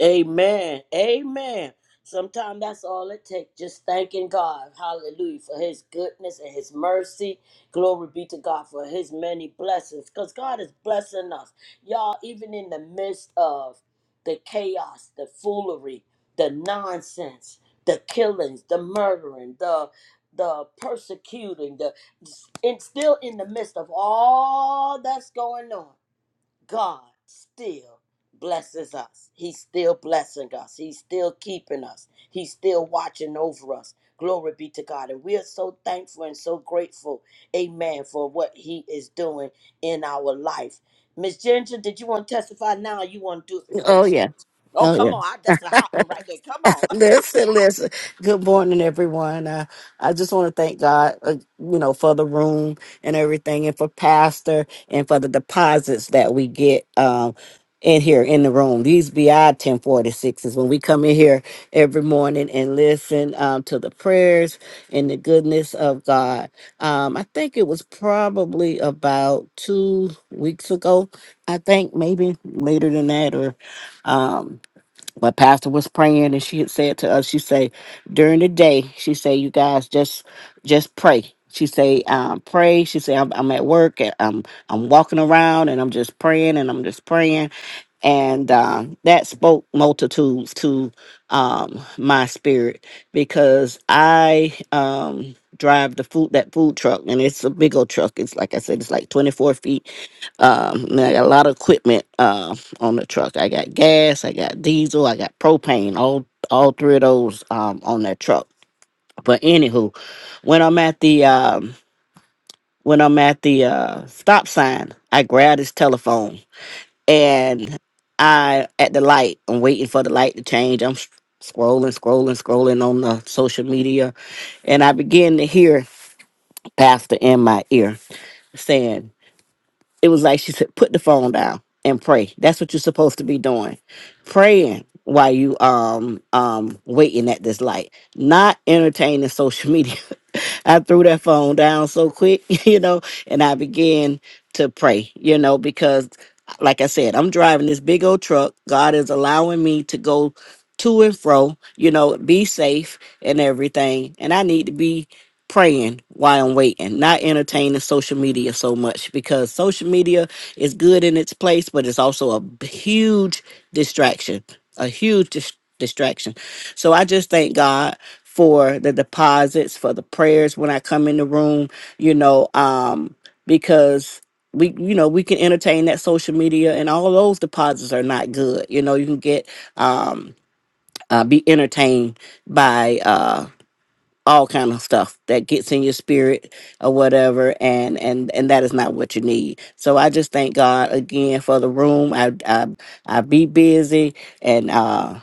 Amen. Amen. Sometimes that's all it takes. Just thanking God. Hallelujah. For his goodness and his mercy. Glory be to God for his many blessings. Because God is blessing us. Y'all, even in the midst of the chaos, the foolery, the nonsense, the killings, the murdering, the the persecuting, the and still in the midst of all that's going on. God still blesses us. He's still blessing us. He's still keeping us. He's still watching over us. Glory be to God. And we are so thankful and so grateful, amen, for what He is doing in our life. Miss Ginger, did you want to testify now or you want to do it before you
oh yeah.
script? Oh,
Oh
come
yeah.
on. I- That's a hot one right there. Come on.
Listen, listen. Good morning, everyone. Uh, I just want to thank God, uh, you know, for the room and everything, and for Pastor and for the deposits that we get um, in here in the room. These BI ten forty sixes when we come in here every morning and listen um, to the prayers and the goodness of God. Um, I think it was probably about two weeks ago. I think maybe later than that, or. Um, But pastor was praying and she had said to us she said during the day she said you guys just just pray she say um, pray she say I'm, I'm at work and i'm i'm walking around and i'm just praying and i'm just praying and uh, that spoke multitudes to um, my spirit because i um drive the food that food truck and it's a big old truck it's like i said it's like 24 feet um, and I got a lot of equipment uh, on the truck. I got gas, I got diesel, I got propane. All all three of those um, on that truck. But anywho, when I'm at the um, when I'm at the uh, stop sign, I grab this telephone and I at the light. I'm waiting for the light to change. I'm s- scrolling, scrolling, scrolling on the social media, and I begin to hear Pastor in my ear saying. it was like she said, put the phone down and pray. That's what you're supposed to be doing. Praying while you um um waiting at this light, not entertaining social media. I threw that phone down so quick, you know, and I began to pray, you know, because like I said, I'm driving this big old truck. God is allowing me to go to and fro, you know, be safe and everything. And I need to be praying while I'm waiting, not entertaining social media so much because social media is good in its place, but it's also a b- huge distraction, a huge dis- distraction. So I just thank God for the deposits, for the prayers when I come in the room, you know, um, because we you know we can entertain that social media and all those deposits are not good you know you can get um uh, be entertained by uh, all kind of stuff that gets in your spirit or whatever and and and that is not what you need so i just thank god again for the room i i, I be busy and uh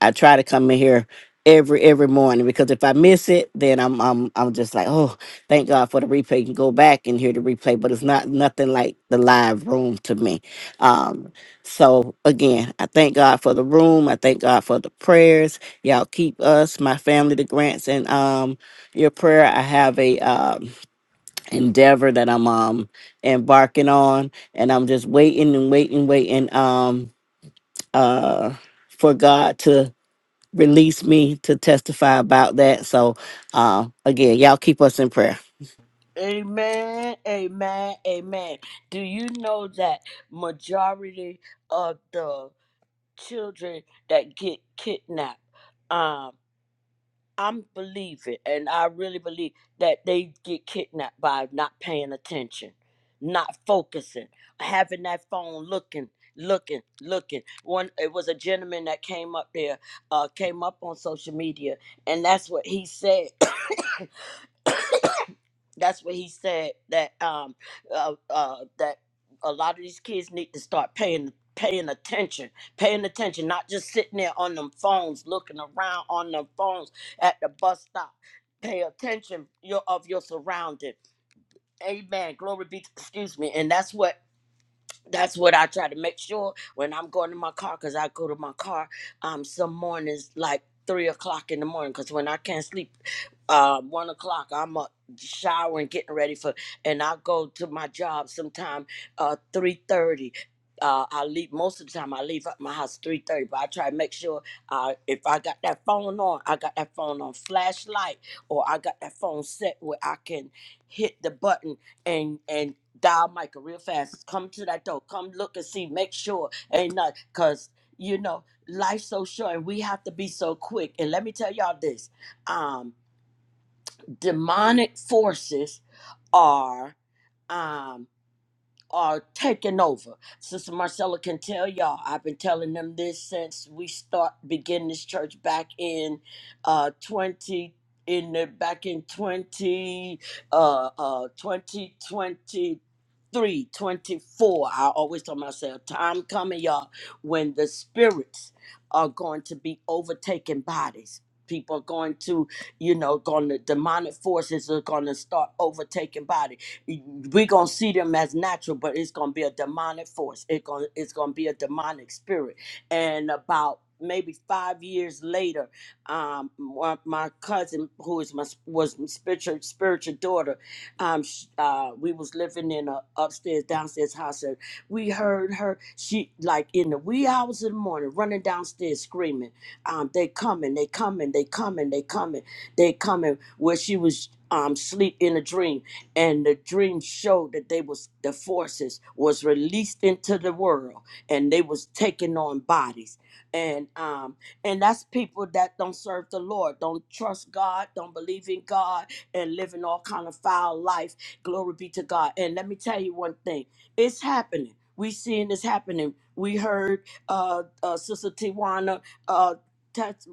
I try to come in here every every morning because if I miss it, then I'm I'm I'm just like, oh, thank God for the replay. You can go back and hear the replay, but it's not nothing like the live room to me. Um, so again, I thank God for the room. I thank God for the prayers. Y'all keep us, my family, the grants, and um your prayer. I have a um endeavor that I'm um embarking on, and I'm just waiting and waiting, waiting. Um, uh for God to released me to testify about that. So, uh, again, y'all keep us in prayer.
Amen. Amen. Amen. Do you know that majority of the children that get kidnapped. Um, I'm believing, and I really believe that they get kidnapped by not paying attention, not focusing, having that phone looking, looking, looking. One, it was a gentleman that came up there, uh, came up on social media, and that's what he said. that's what he said that um uh, uh that a lot of these kids need to start paying paying attention paying attention not just sitting there on them phones looking around on them phones at the bus stop pay attention your of your surrounding amen glory be to, excuse me and that's what that's what I try to make sure when I'm going to my car because I go to my car um some mornings like three o'clock in the morning because when I can't sleep uh one o'clock I'm up showering getting ready for and I go to my job sometime uh three thirty. Uh, I leave most of the time. I leave at my house three thirty, but I try to make sure uh, if I got that phone on, I got that phone on flashlight, or I got that phone set where I can hit the button and and dial Michael real fast. Come to that door. Come look and see. Make sure ain't not cause you know life's so short and we have to be so quick. And let me tell y'all this: um, demonic forces are um are taking over. Sister Marcella can tell y'all. I've been telling them this since we start begin this church back in uh twenty in the back in twenty uh uh twenty twenty three, twenty four. I always tell myself, time coming, y'all, when the spirits are going to be overtaking bodies. People are going to, you know, going to demonic forces are going to start overtaking bodies we're gonna see them as natural, but it's gonna be a demonic force. It gonna it's gonna be a demonic spirit. And about maybe five years later, um, my, my cousin, who is my was my spiritual spiritual daughter, um, sh uh, we was living in a upstairs downstairs house, and we heard her. She like in the wee hours of the morning, running downstairs screaming, um, "They coming! They coming! They coming! They coming! They coming!" Where she was um sleep in a dream and the dream showed that they was the forces was released into the world and they was taking on bodies and um and that's people that don't serve the lord don't trust god don't believe in god and living all kind of foul life glory be to god and let me tell you one thing it's happening we seeing this happening we heard uh, uh sister tiwana uh tes-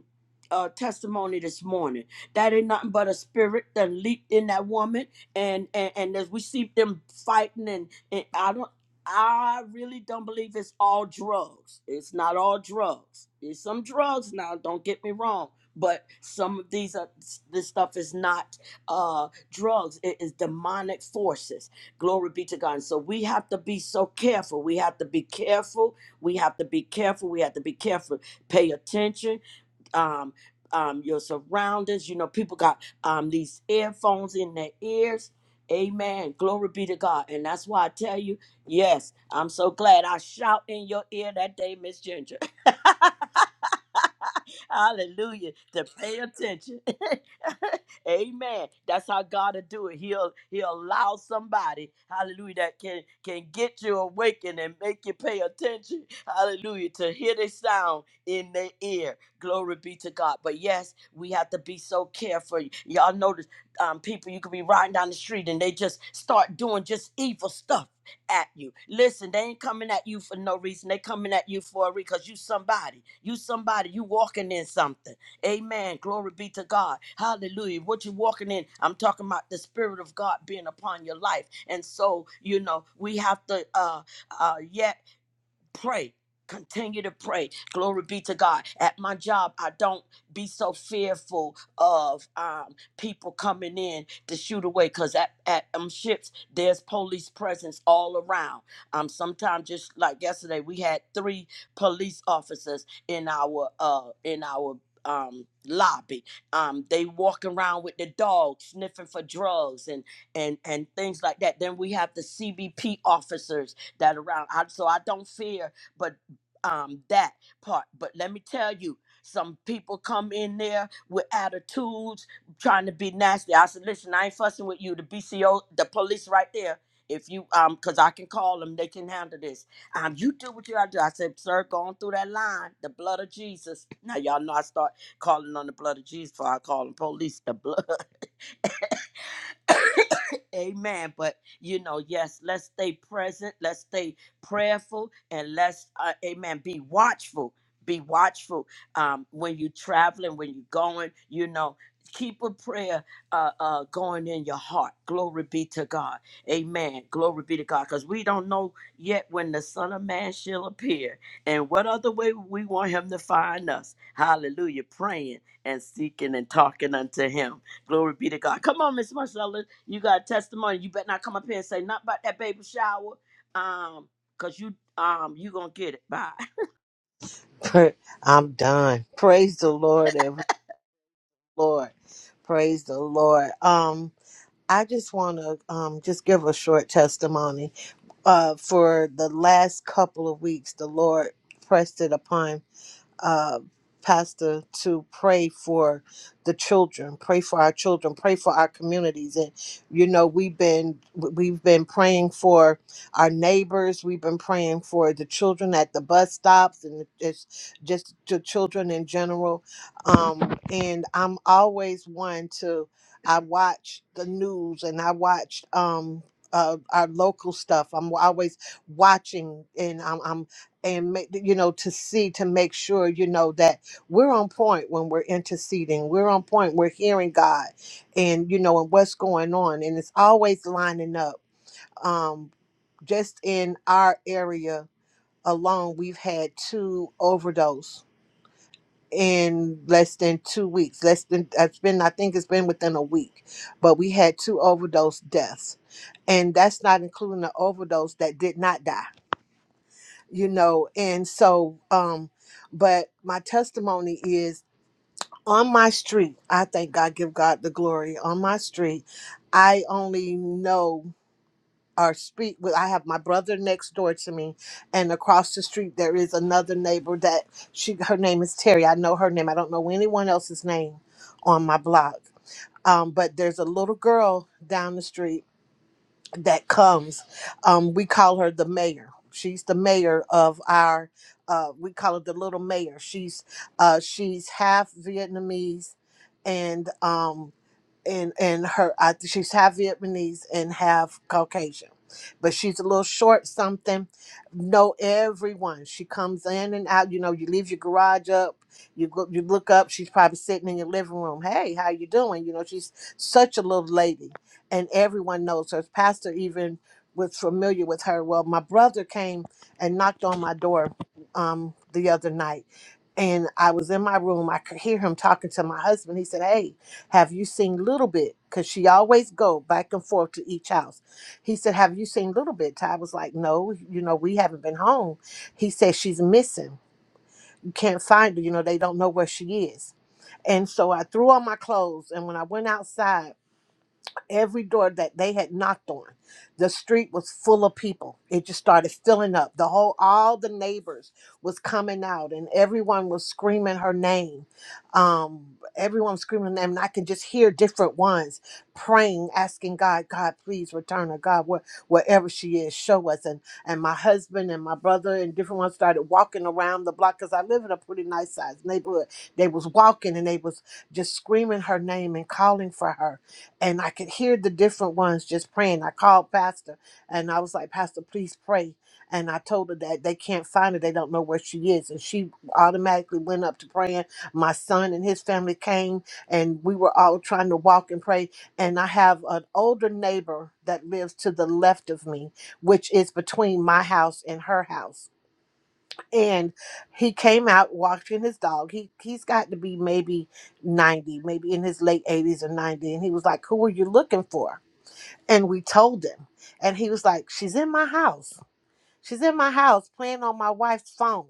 uh, testimony this morning. That ain't nothing but a spirit that leaped in that woman and and, and as we see them fighting and, and i don't i really don't believe it's all drugs it's not all drugs it's some drugs now don't get me wrong but some of these are this stuff is not uh drugs it is demonic forces glory be to god and so we have to be so careful we have to be careful we have to be careful we have to be careful pay attention um, um, your surroundings. You know, people got um, these earphones in their ears. Amen. Glory be to God. And that's why I tell you, yes, I'm so glad I shout in your ear that day, Miss Ginger. Hallelujah. To pay attention. Amen. That's how God will do it. He'll He'll allow somebody, Hallelujah, that can can get you awakened and make you pay attention. Hallelujah. To hear the sound in the ear. Glory be to God. But yes, we have to be so careful. Y'all notice um, people you could be riding down the street and they just start doing just evil stuff at you. Listen, they ain't coming at you for no reason. They coming at you for a reason because you somebody. You somebody. You walking in something. Amen. Glory be to God. Hallelujah. What you walking in, I'm talking about the Spirit of God being upon your life. And so, you know, we have to uh, uh, yet pray continue to pray glory be to god at my job i don't be so fearful of um, people coming in to shoot away because at, at um, ships there's police presence all around um sometimes just like yesterday we had three police officers in our uh in our um lobby um they walk around with the dog sniffing for drugs and and and things like that then we have the cbp officers that around. I, so I don't fear, but um that part. But let me tell you, some people come in there with attitudes, trying to be nasty. I said, listen, I ain't fussing with you. The BCO, the police, right there. If you um, cause I can call them, they can handle this. Um, you do what you gotta do. I said, sir, going through that line, the blood of Jesus. Now y'all know I start calling on the blood of Jesus before I call the police. The blood. Amen. But you know, yes, let's stay present, let's stay prayerful, and let's, uh, amen, be watchful. Be watchful um, when you're traveling, when you're going, you know, keep a prayer uh, uh, going in your heart. Glory be to God. Amen. Glory be to God. Because we don't know yet when the Son of Man shall appear and what other way we want him to find us. Hallelujah. Praying and seeking and talking unto him. Glory be to God. Come on, Miss Marcella. You got a testimony. You better not come up here and say nothing about that baby shower. Um, cause you um you gonna get it. Bye.
Pra- I'm done. Praise the Lord, every Lord. Praise the Lord. Um, I just want to um just give a short testimony. Uh, for the last couple of weeks, the Lord pressed it upon uh, Pastor, to pray for the children, pray for our children, pray for our communities. And you know, we've been we've been praying for our neighbors. We've been praying for the children at the bus stops and just just the children in general. Um, and I'm always one to I watch the news and I watch um. Uh, our local stuff. I'm always watching, and I'm, I'm and make you know to see to make sure you know that we're on point when we're interceding we're on point we're hearing god and you know and what's going on and it's always lining up um just in our area alone we've had two overdose in less than two weeks less than it's been i think it's been within a week but we had two overdose deaths and that's not including the overdose that did not die you know and so um but my testimony is on my street i thank god give god the glory on my street i only know or speak with i have my brother next door to me and across the street there is another neighbor that she her name is terry i know her name i don't know anyone else's name on my block um, but there's a little girl down the street that comes. Um, we call her the mayor. She's the mayor of our. Uh, we call her the little mayor. She's uh, she's half Vietnamese, and um, and and her I, she's half Vietnamese and half Caucasian, but she's a little short something. Know everyone. She comes in and out. You know, you leave your garage up. You go, you look up. She's probably sitting in your living room. Hey, how you doing? You know, she's such a little lady, and everyone knows her. Pastor even was familiar with her. Well, my brother came and knocked on my door um, the other night. And I was in my room. I could hear him talking to my husband. He said, "Hey, have you seen Little Bit? Because she always go back and forth to each house. He said, Have you seen Little Bit? Ty was like, No, you know, we haven't been home. He said, She's missing. You can't find her. You know, they don't know where she is. And so I threw on my clothes. And when I went outside, every door that they had knocked on. The street was full of people. It just started filling up. The whole, all the neighbors was coming out, and everyone was screaming her name. Um, everyone was screaming her name, and I can just hear different ones praying, asking God, God, please return her. God, where, wherever she is, show us. And and my husband and my brother and different ones started walking around the block because I live in a pretty nice sized neighborhood. They was walking and they was just screaming her name and calling for her and I could hear the different ones just praying. I called Pastor and I was like, Pastor, please pray. And I told her that they can't find her. They don't know where she is. And she automatically went up to praying. My son and his family came and we were all trying to walk and pray. And I have an older neighbor that lives to the left of me, which is between my house and her house and he came out walking his dog. He he's got to be maybe ninety, maybe in his late eighties or ninety. And he was like, "Who are you looking for?" And we told him, and he was like, "She's in my house. She's in my house playing on my wife's phone."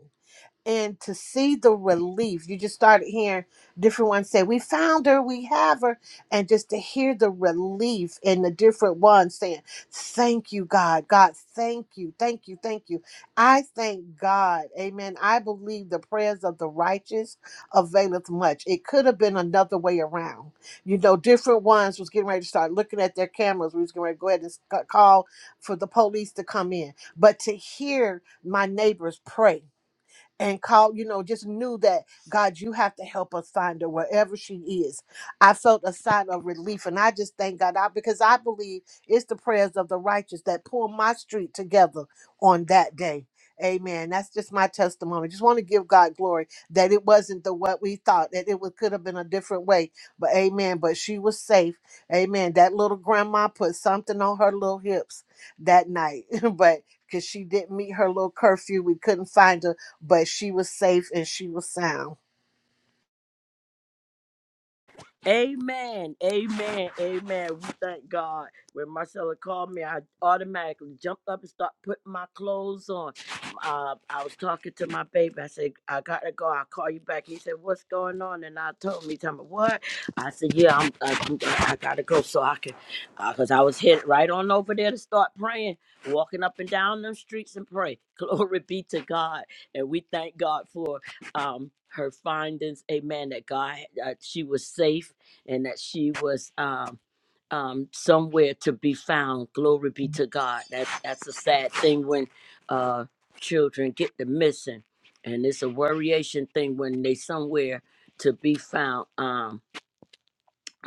and to see the relief you just started hearing different ones say we found her we have her and just to hear the relief in the different ones saying thank you god god thank you thank you thank you i thank god amen i believe the prayers of the righteous availeth much it could have been another way around you know different ones was getting ready to start looking at their cameras we was going to go ahead and s- call for the police to come in but to hear my neighbors pray and called, you know, just knew that God, you have to help us find her wherever she is. I felt a sign of relief, and I just thank God I, because I believe it's the prayers of the righteous that pull my street together on that day. Amen. That's just my testimony. Just want to give God glory that it wasn't the what we thought that it would, could have been a different way. But amen. But she was safe. Amen. That little grandma put something on her little hips that night, but because she didn't meet her little curfew, we couldn't find her but she was safe and she was sound.
Amen. Amen. Amen. We thank God. When Marcella called me, I automatically jumped up and started putting my clothes on. Uh, I was talking to my baby. I said, I gotta go. I'll call you back. He said, What's going on? And I told him, he told me, What? I said, Yeah, I'm, I, I gotta go so I can, because I was headed right on over there to start praying, walking up and down them streets and pray. Glory be to God. And we thank God for um, her findings. Amen. That God, that she was safe and that she was um, um, somewhere to be found. Glory be to God. That, that's a sad thing when uh, children get the missing. And it's a worryation thing when they somewhere to be found. Um,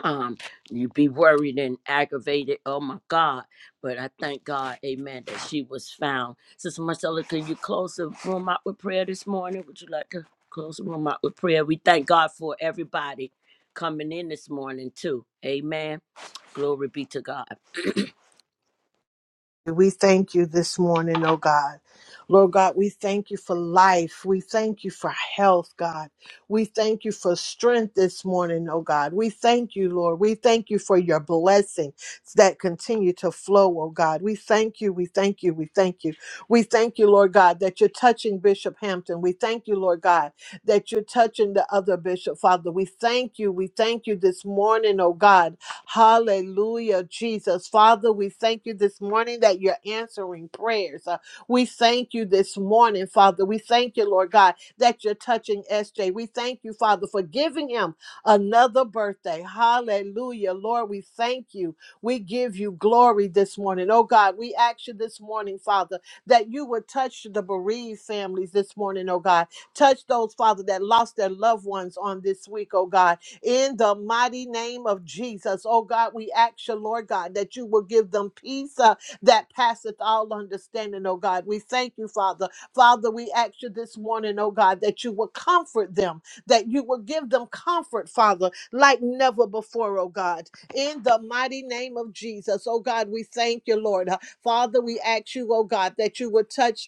um you'd be worried and aggravated oh my god but i thank god amen that she was found sister marcella can you close the room out with prayer this morning would you like to close the room out with prayer we thank god for everybody coming in this morning too amen glory be to god
We thank you this morning, oh God. Lord God, we thank you for life. We thank you for health, God. We thank you for strength this morning, oh God. We thank you, Lord. We thank you for your blessings that continue to flow, oh God. We thank you. We thank you. We thank you. We thank you, Lord God, that you're touching Bishop Hampton. We thank you, Lord God, that you're touching the other bishop, Father. We thank you. We thank you this morning, oh God Hallelujah, Jesus. Father, we thank you this morning that you're answering prayers. Uh, we thank you this morning, Father. We thank you, Lord God, that you're touching SJ. We thank you, Father, for giving him another birthday. Hallelujah. Lord, we thank you. We give you glory this morning. Oh God, we ask you this morning, Father, that you would touch the bereaved families this morning, oh God. Touch those, Father, that lost their loved ones on this week, oh God in the mighty name of Jesus. Oh God, we ask you, Lord God, that you will give them peace uh, that passeth all understanding, oh God. We thank you, Father. Father, we ask you this morning, oh God, that you will comfort them, that you will give them comfort, Father, like never before, oh God. In the mighty name of Jesus, oh God, we thank you, Lord. Uh, Father, we ask you, oh God, that you would touch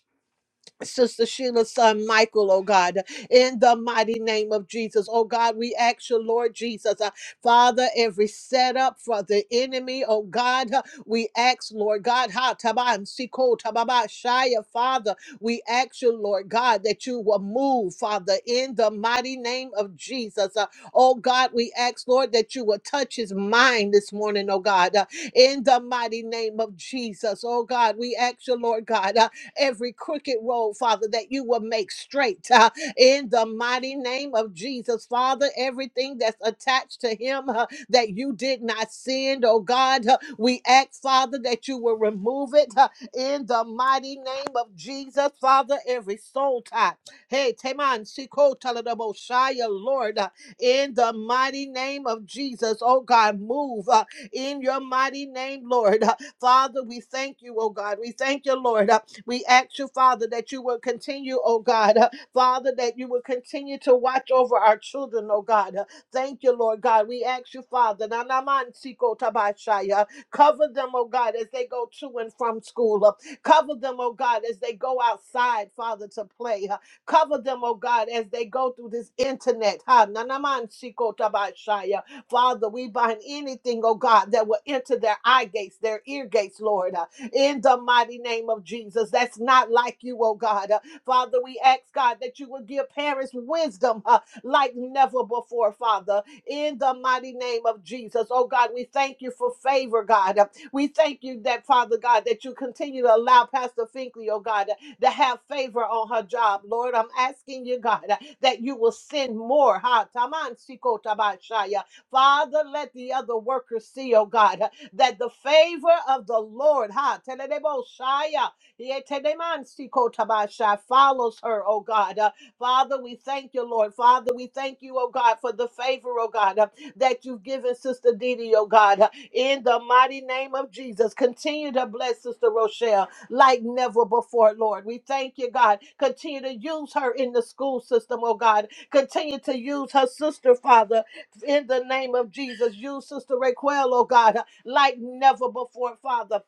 Sister Sheila's son Michael, oh God, in the mighty name of Jesus. Oh God, we ask you, Lord Jesus, uh, Father, every setup for the enemy, oh God, uh, we ask, Lord God, ha taban siko tababa shaya, Father, we ask you, Lord God, that you will move, Father, in the mighty name of Jesus. Uh, oh God, we ask, Lord, that you will touch his mind this morning, oh God, uh, in the mighty name of Jesus. Oh God, we ask you, Lord God, uh, every crooked road, Father, that you will make straight uh, in the mighty name of Jesus, Father. Everything that's attached to him uh, that you did not send, oh God, uh, we ask, Father, that you will remove it uh, in the mighty name of Jesus, Father. Every soul tie, hey, Teman, Siko, Shaya, Lord, uh, in the mighty name of Jesus, oh God, move uh, in your mighty name, Lord. Uh, Father, we thank you, oh God. We thank you, Lord. uh, we ask you, Father, that you will continue, oh God, uh, Father, that you will continue to watch over our children, oh God. Uh, Thank you, Lord God. We ask you, Father, na na siko tabashaya. cover them, oh God, as they go to and from school. Uh, Cover them, oh God, as they go outside, Father, to play. Uh, Cover them, oh God, as they go through this internet. Ha, na siko tabashaya. Father, we bind anything, oh God, that will enter their eye gates, their ear gates, Lord. uh in the mighty name of Jesus. That's not like you, oh God. Uh, Father, we ask God that you would give parents wisdom uh, like never before, Father, in the mighty name of Jesus. Oh God, we thank you for favor, God. Uh, We thank you that, Father God, that you continue to allow Pastor Finkley, oh God, uh, to have favor on her job. Lord, I'm asking you, God, uh, that you will send more. Ha, taman siko tabashaya. Father, let the other workers see, oh God, uh, that the favor of the Lord, ha, Tenedeboshaya, Yetedemansikotaba, follows her, oh God. Uh, Father, we thank you, Lord. Father, we thank you, oh God, for the favor, oh God, uh, that you've given Sister Didi, oh God. Uh, In the mighty name of Jesus, continue to bless Sister Rochelle like never before, Lord. We thank you, God. Continue to use her in the school system, oh God. Continue to use her sister, Father, in the name of Jesus. Use Sister Raquel, oh God like never before, Father.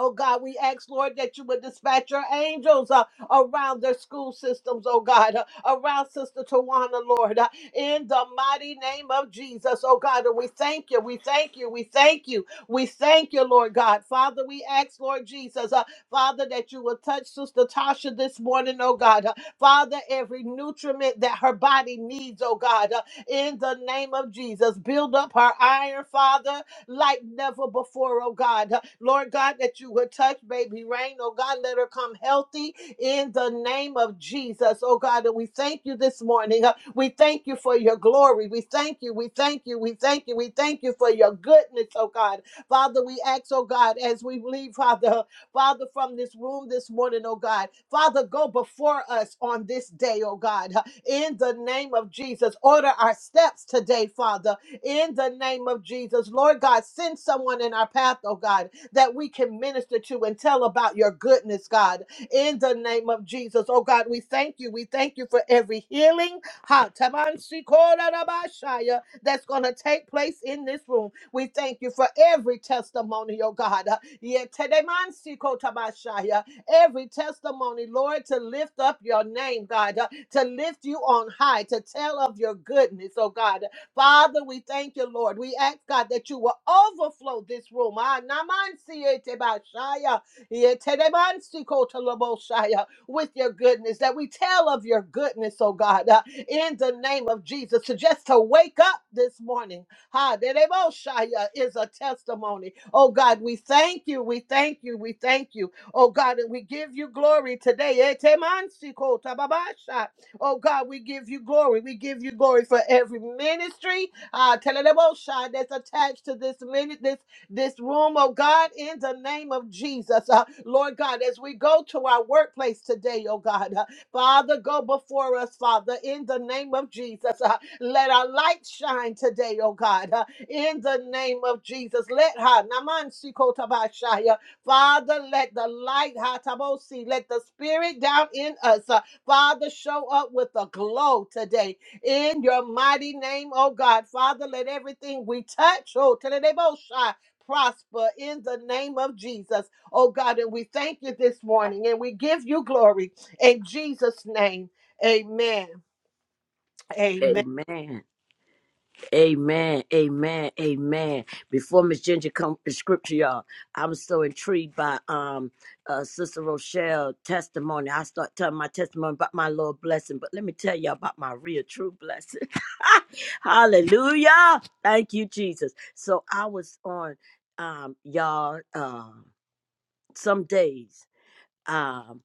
Oh God, we ask, Lord, that you would dispatch your angels uh, around their school systems, oh God, uh, around Sister Tawana, Lord, uh, in the mighty name of Jesus, oh God. And we thank you, we thank you, we thank you, we thank you, Lord God. Father, we ask, Lord Jesus, uh, Father, that you will touch Sister Tasha this morning, oh God. Uh, Father, every nutriment that her body needs, oh God, uh, in the name of Jesus. Build up her iron, Father like never before, oh God. Lord God, that you would touch baby Rain, oh God, let her come healthy in the name of Jesus, oh God. And we thank you this morning. Uh, We thank you for your glory. We thank you. We thank you. We thank you. We thank you for your goodness, oh God. Father, we ask, oh God, as we leave, Father, Father, from this room this morning, oh God. Father, go before us on this day, oh God. In the name of Jesus, order our steps today, Father in the name of Jesus. Lord God, send someone in our path, oh God, that we can minister to and tell about your goodness, God, in the name of Jesus. Oh God, we thank you. We thank you for every healing ha, tabansikorabashaya, that's going to take place in this room. We thank you for every testimony, oh God. Yetedemantsikotabashaya, Every testimony, Lord, to lift up your name, God, uh, to lift you on high, to tell of your goodness, oh God. Father, we thank you, Lord. We ask, God, that you will overflow this room. Ah, namansietebashaya, yetedemansikotolobosaya, With your goodness, that we tell of your goodness, oh God, uh, in the name of Jesus. So just to wake up this morning, ha, dedeboshaya is a testimony. Oh God, we thank you, we thank you, we thank you. Oh God, and we give you glory today. Etemansikota babasha. Oh God, we give you glory. We give you glory for every ministry. Uh Teledebosha that's attached to this minute, this this room, oh God, in the name of Jesus. Uh, Lord God, as we go to our workplace today, oh God, uh, Father, go before us, Father, in the name of Jesus. Uh, let our light shine today, oh God, uh, in the name of Jesus. Let her, Naman Sikotabashaya, Father, let the light, Hatabosi, let the spirit down in us. Father, show up with a glow today in your mighty name, oh God. Father, let everything we touch, oh, Teledebosha, prosper in the name of Jesus, oh God. And we thank you this morning and we give you glory in Jesus' name. Amen. Amen.
amen Amen. Amen. Amen. Before Miss Ginger comes to scripture, y'all, I'm so intrigued by um uh Sister Rochelle testimony. I start telling my testimony about my Lord blessing, but let me tell y'all about my real true blessing. Hallelujah. Thank you, Jesus. So I was on um y'all um some days. Um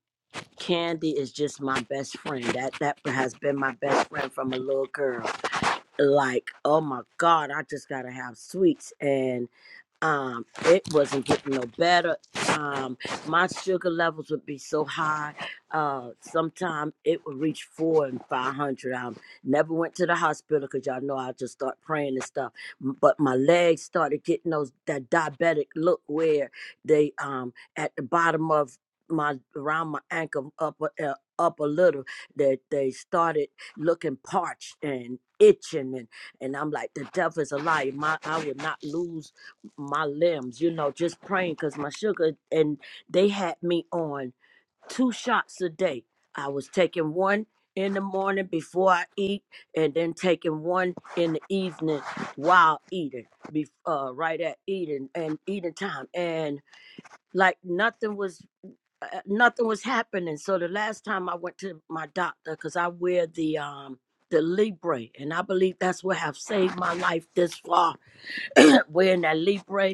Candy is just my best friend. That that has been my best friend from a little girl like oh my god i just gotta have sweets and um it wasn't getting no better um my sugar levels would be so high uh sometime it would reach four and five hundred i never went to the hospital because y'all know i just start praying and stuff M- but my legs started getting those that diabetic look where they um at the bottom of my around my ankle up a- uh, up a little that they started looking parched and itching and and i'm like the devil's is a liar my i would not lose my limbs, you know, just praying because my sugar, and they had me on two shots a day. I was taking one in the morning before I eat, and then taking one in the evening while eating, be, uh, right at eating and eating time. And like nothing was. Uh, uh, nothing was happening. So the last time I went to my doctor, because I wear the um the Libre, and I believe that's what have saved my life this far. Wearing that Libre,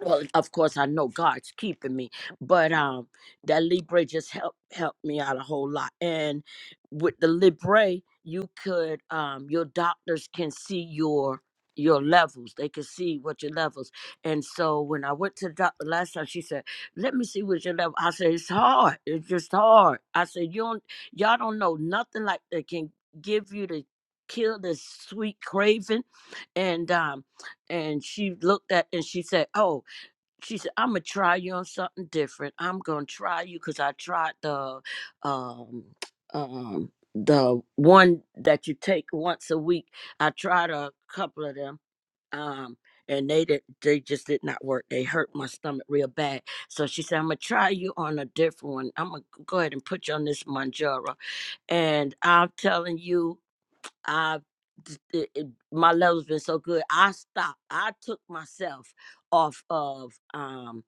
well of course i know god's keeping me but um that libre just helped helped me out a whole lot and with the libre you could um your doctors can see your your levels they can see what your levels and so when i went to the doctor last time she said let me see what your level i said it's hard it's just hard i said you don't y'all don't know nothing like that can give you the kill this sweet craving and um and she looked at and she said, "Oh, she said, I'm gonna try you on something different. I'm gonna try you because I tried the um um the one that you take once a week. I tried a couple of them. Um and they did they just did not work. They hurt my stomach real bad. So she said, I'm gonna try you on a different one. I'm gonna go ahead and put you on this Manjaro. And I'm telling you, I've it, it- my level's been so good. I stopped. I took myself off of um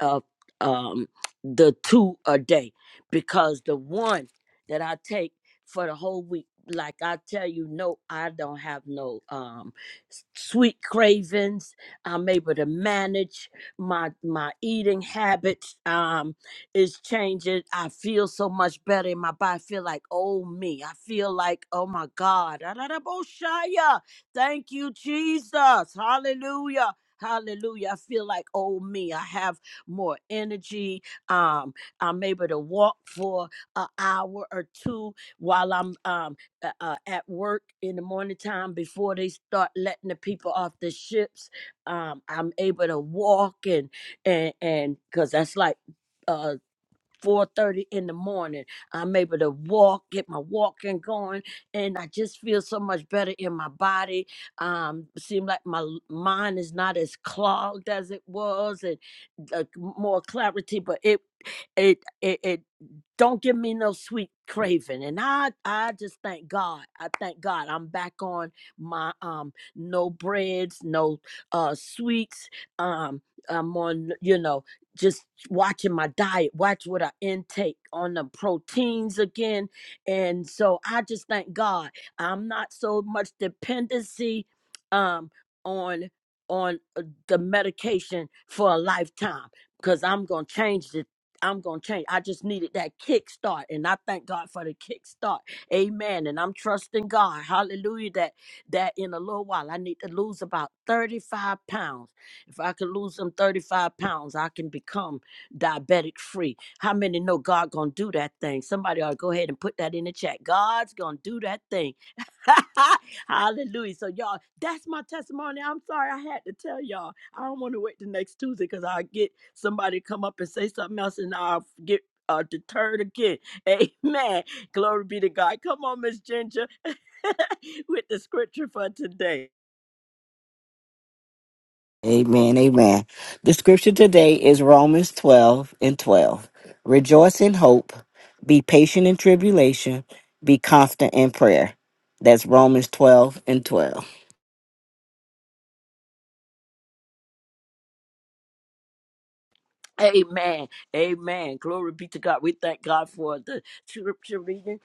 uh, um, the two a day because the one that I take for the whole week, like I tell you, no, I don't have no um, s- sweet cravings. I'm able to manage my my eating habits. Um, is changing. I feel so much better in my body. I feel like oh me. I feel like oh my God. Adaraboshaya. Thank you, Jesus. Hallelujah. Hallelujah. I feel like, oh, me. I have more energy. Um, I'm able to walk for an hour or two while I'm um, uh, uh, at work in the morning time before they start letting the people off the ships. Um, I'm able to walk and and and because that's like uh. 4:30 in the morning. I'm able to walk, get my walking going, and I just feel so much better in my body. Um, seem like my l- mind is not as clogged as it was, and uh, more clarity, but it it it, it don't give me no sweet craving and i i just thank god i thank god i'm back on my um no breads no uh sweets um i'm on you know just watching my diet watch what i intake on the proteins again and so i just thank god i'm not so much dependency um on on uh, the medication for a lifetime because I'm gonna change it. I'm gonna change. I just needed that kickstart, and I thank God for the kickstart. Amen. And I'm trusting God. Hallelujah. That that in a little while I need to lose about 35 pounds. If I can lose them 35 pounds, I can become diabetic free. How many know God gonna do that thing? Somebody ought to go ahead and put that in the chat. God's gonna do that thing. Hallelujah. So y'all, that's my testimony. I'm sorry I had to tell y'all. I don't want to wait the next Tuesday because I'll get somebody to come up and say something else and I'll get uh, deterred again. Amen. Glory be to God. Come on, Miss Ginger, with the scripture for today.
Amen. Amen. The scripture today is Romans 12 and 12. Rejoice in hope, be patient in tribulation, be constant in prayer. That's Romans 12 and 12.
Amen. Amen. Glory be to God. We thank God for the scripture reading.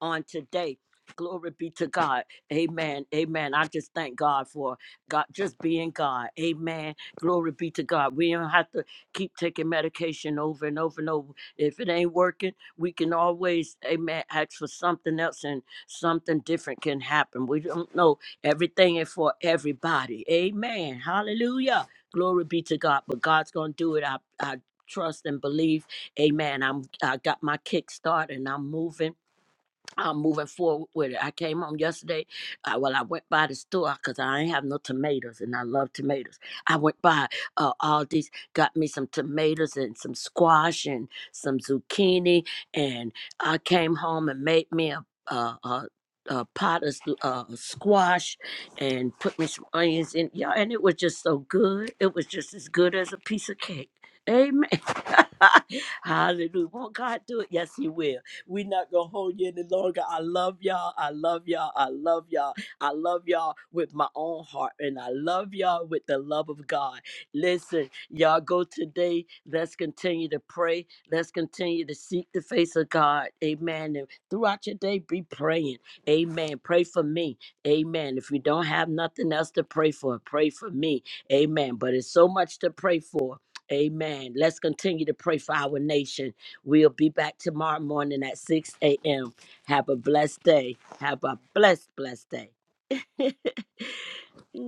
on today. Glory be to God. Amen. Amen. I just thank God for God just being God. Amen. Glory be to God. We don't have to keep taking medication over and over and over. If it ain't working, we can always, amen, ask for something else and something different can happen. We don't know everything is for everybody. Amen. Hallelujah. Glory be to God. But God's gonna do it. I I trust and believe. Amen. I'm I got my kickstart and I'm moving. I'm moving forward with it. I came home yesterday. Uh, well, I went by the store because I ain't have no tomatoes, and I love tomatoes. I went by uh, Aldi's, got me some tomatoes and some squash and some zucchini, and I came home and made me a a, a, a pot of uh, squash and put me some onions in. Yeah, and it was just so good. It was just as good as a piece of cake. Amen. Hallelujah. Won't God do it? Yes, He will. We're not going to hold you any longer. I love y'all. I love y'all. I love y'all. I love y'all with my own heart, and I love y'all with the love of God. Listen, y'all go today. Let's continue to pray. Let's continue to seek the face of God. Amen. And throughout your day, be praying. Amen. Pray for me. Amen. If you don't have nothing else to pray for, pray for me. Amen. But it's so much to pray for. Amen. Let's continue to pray for our nation. We'll be back tomorrow morning at 6 a.m. Have a blessed day. Have a blessed, blessed day.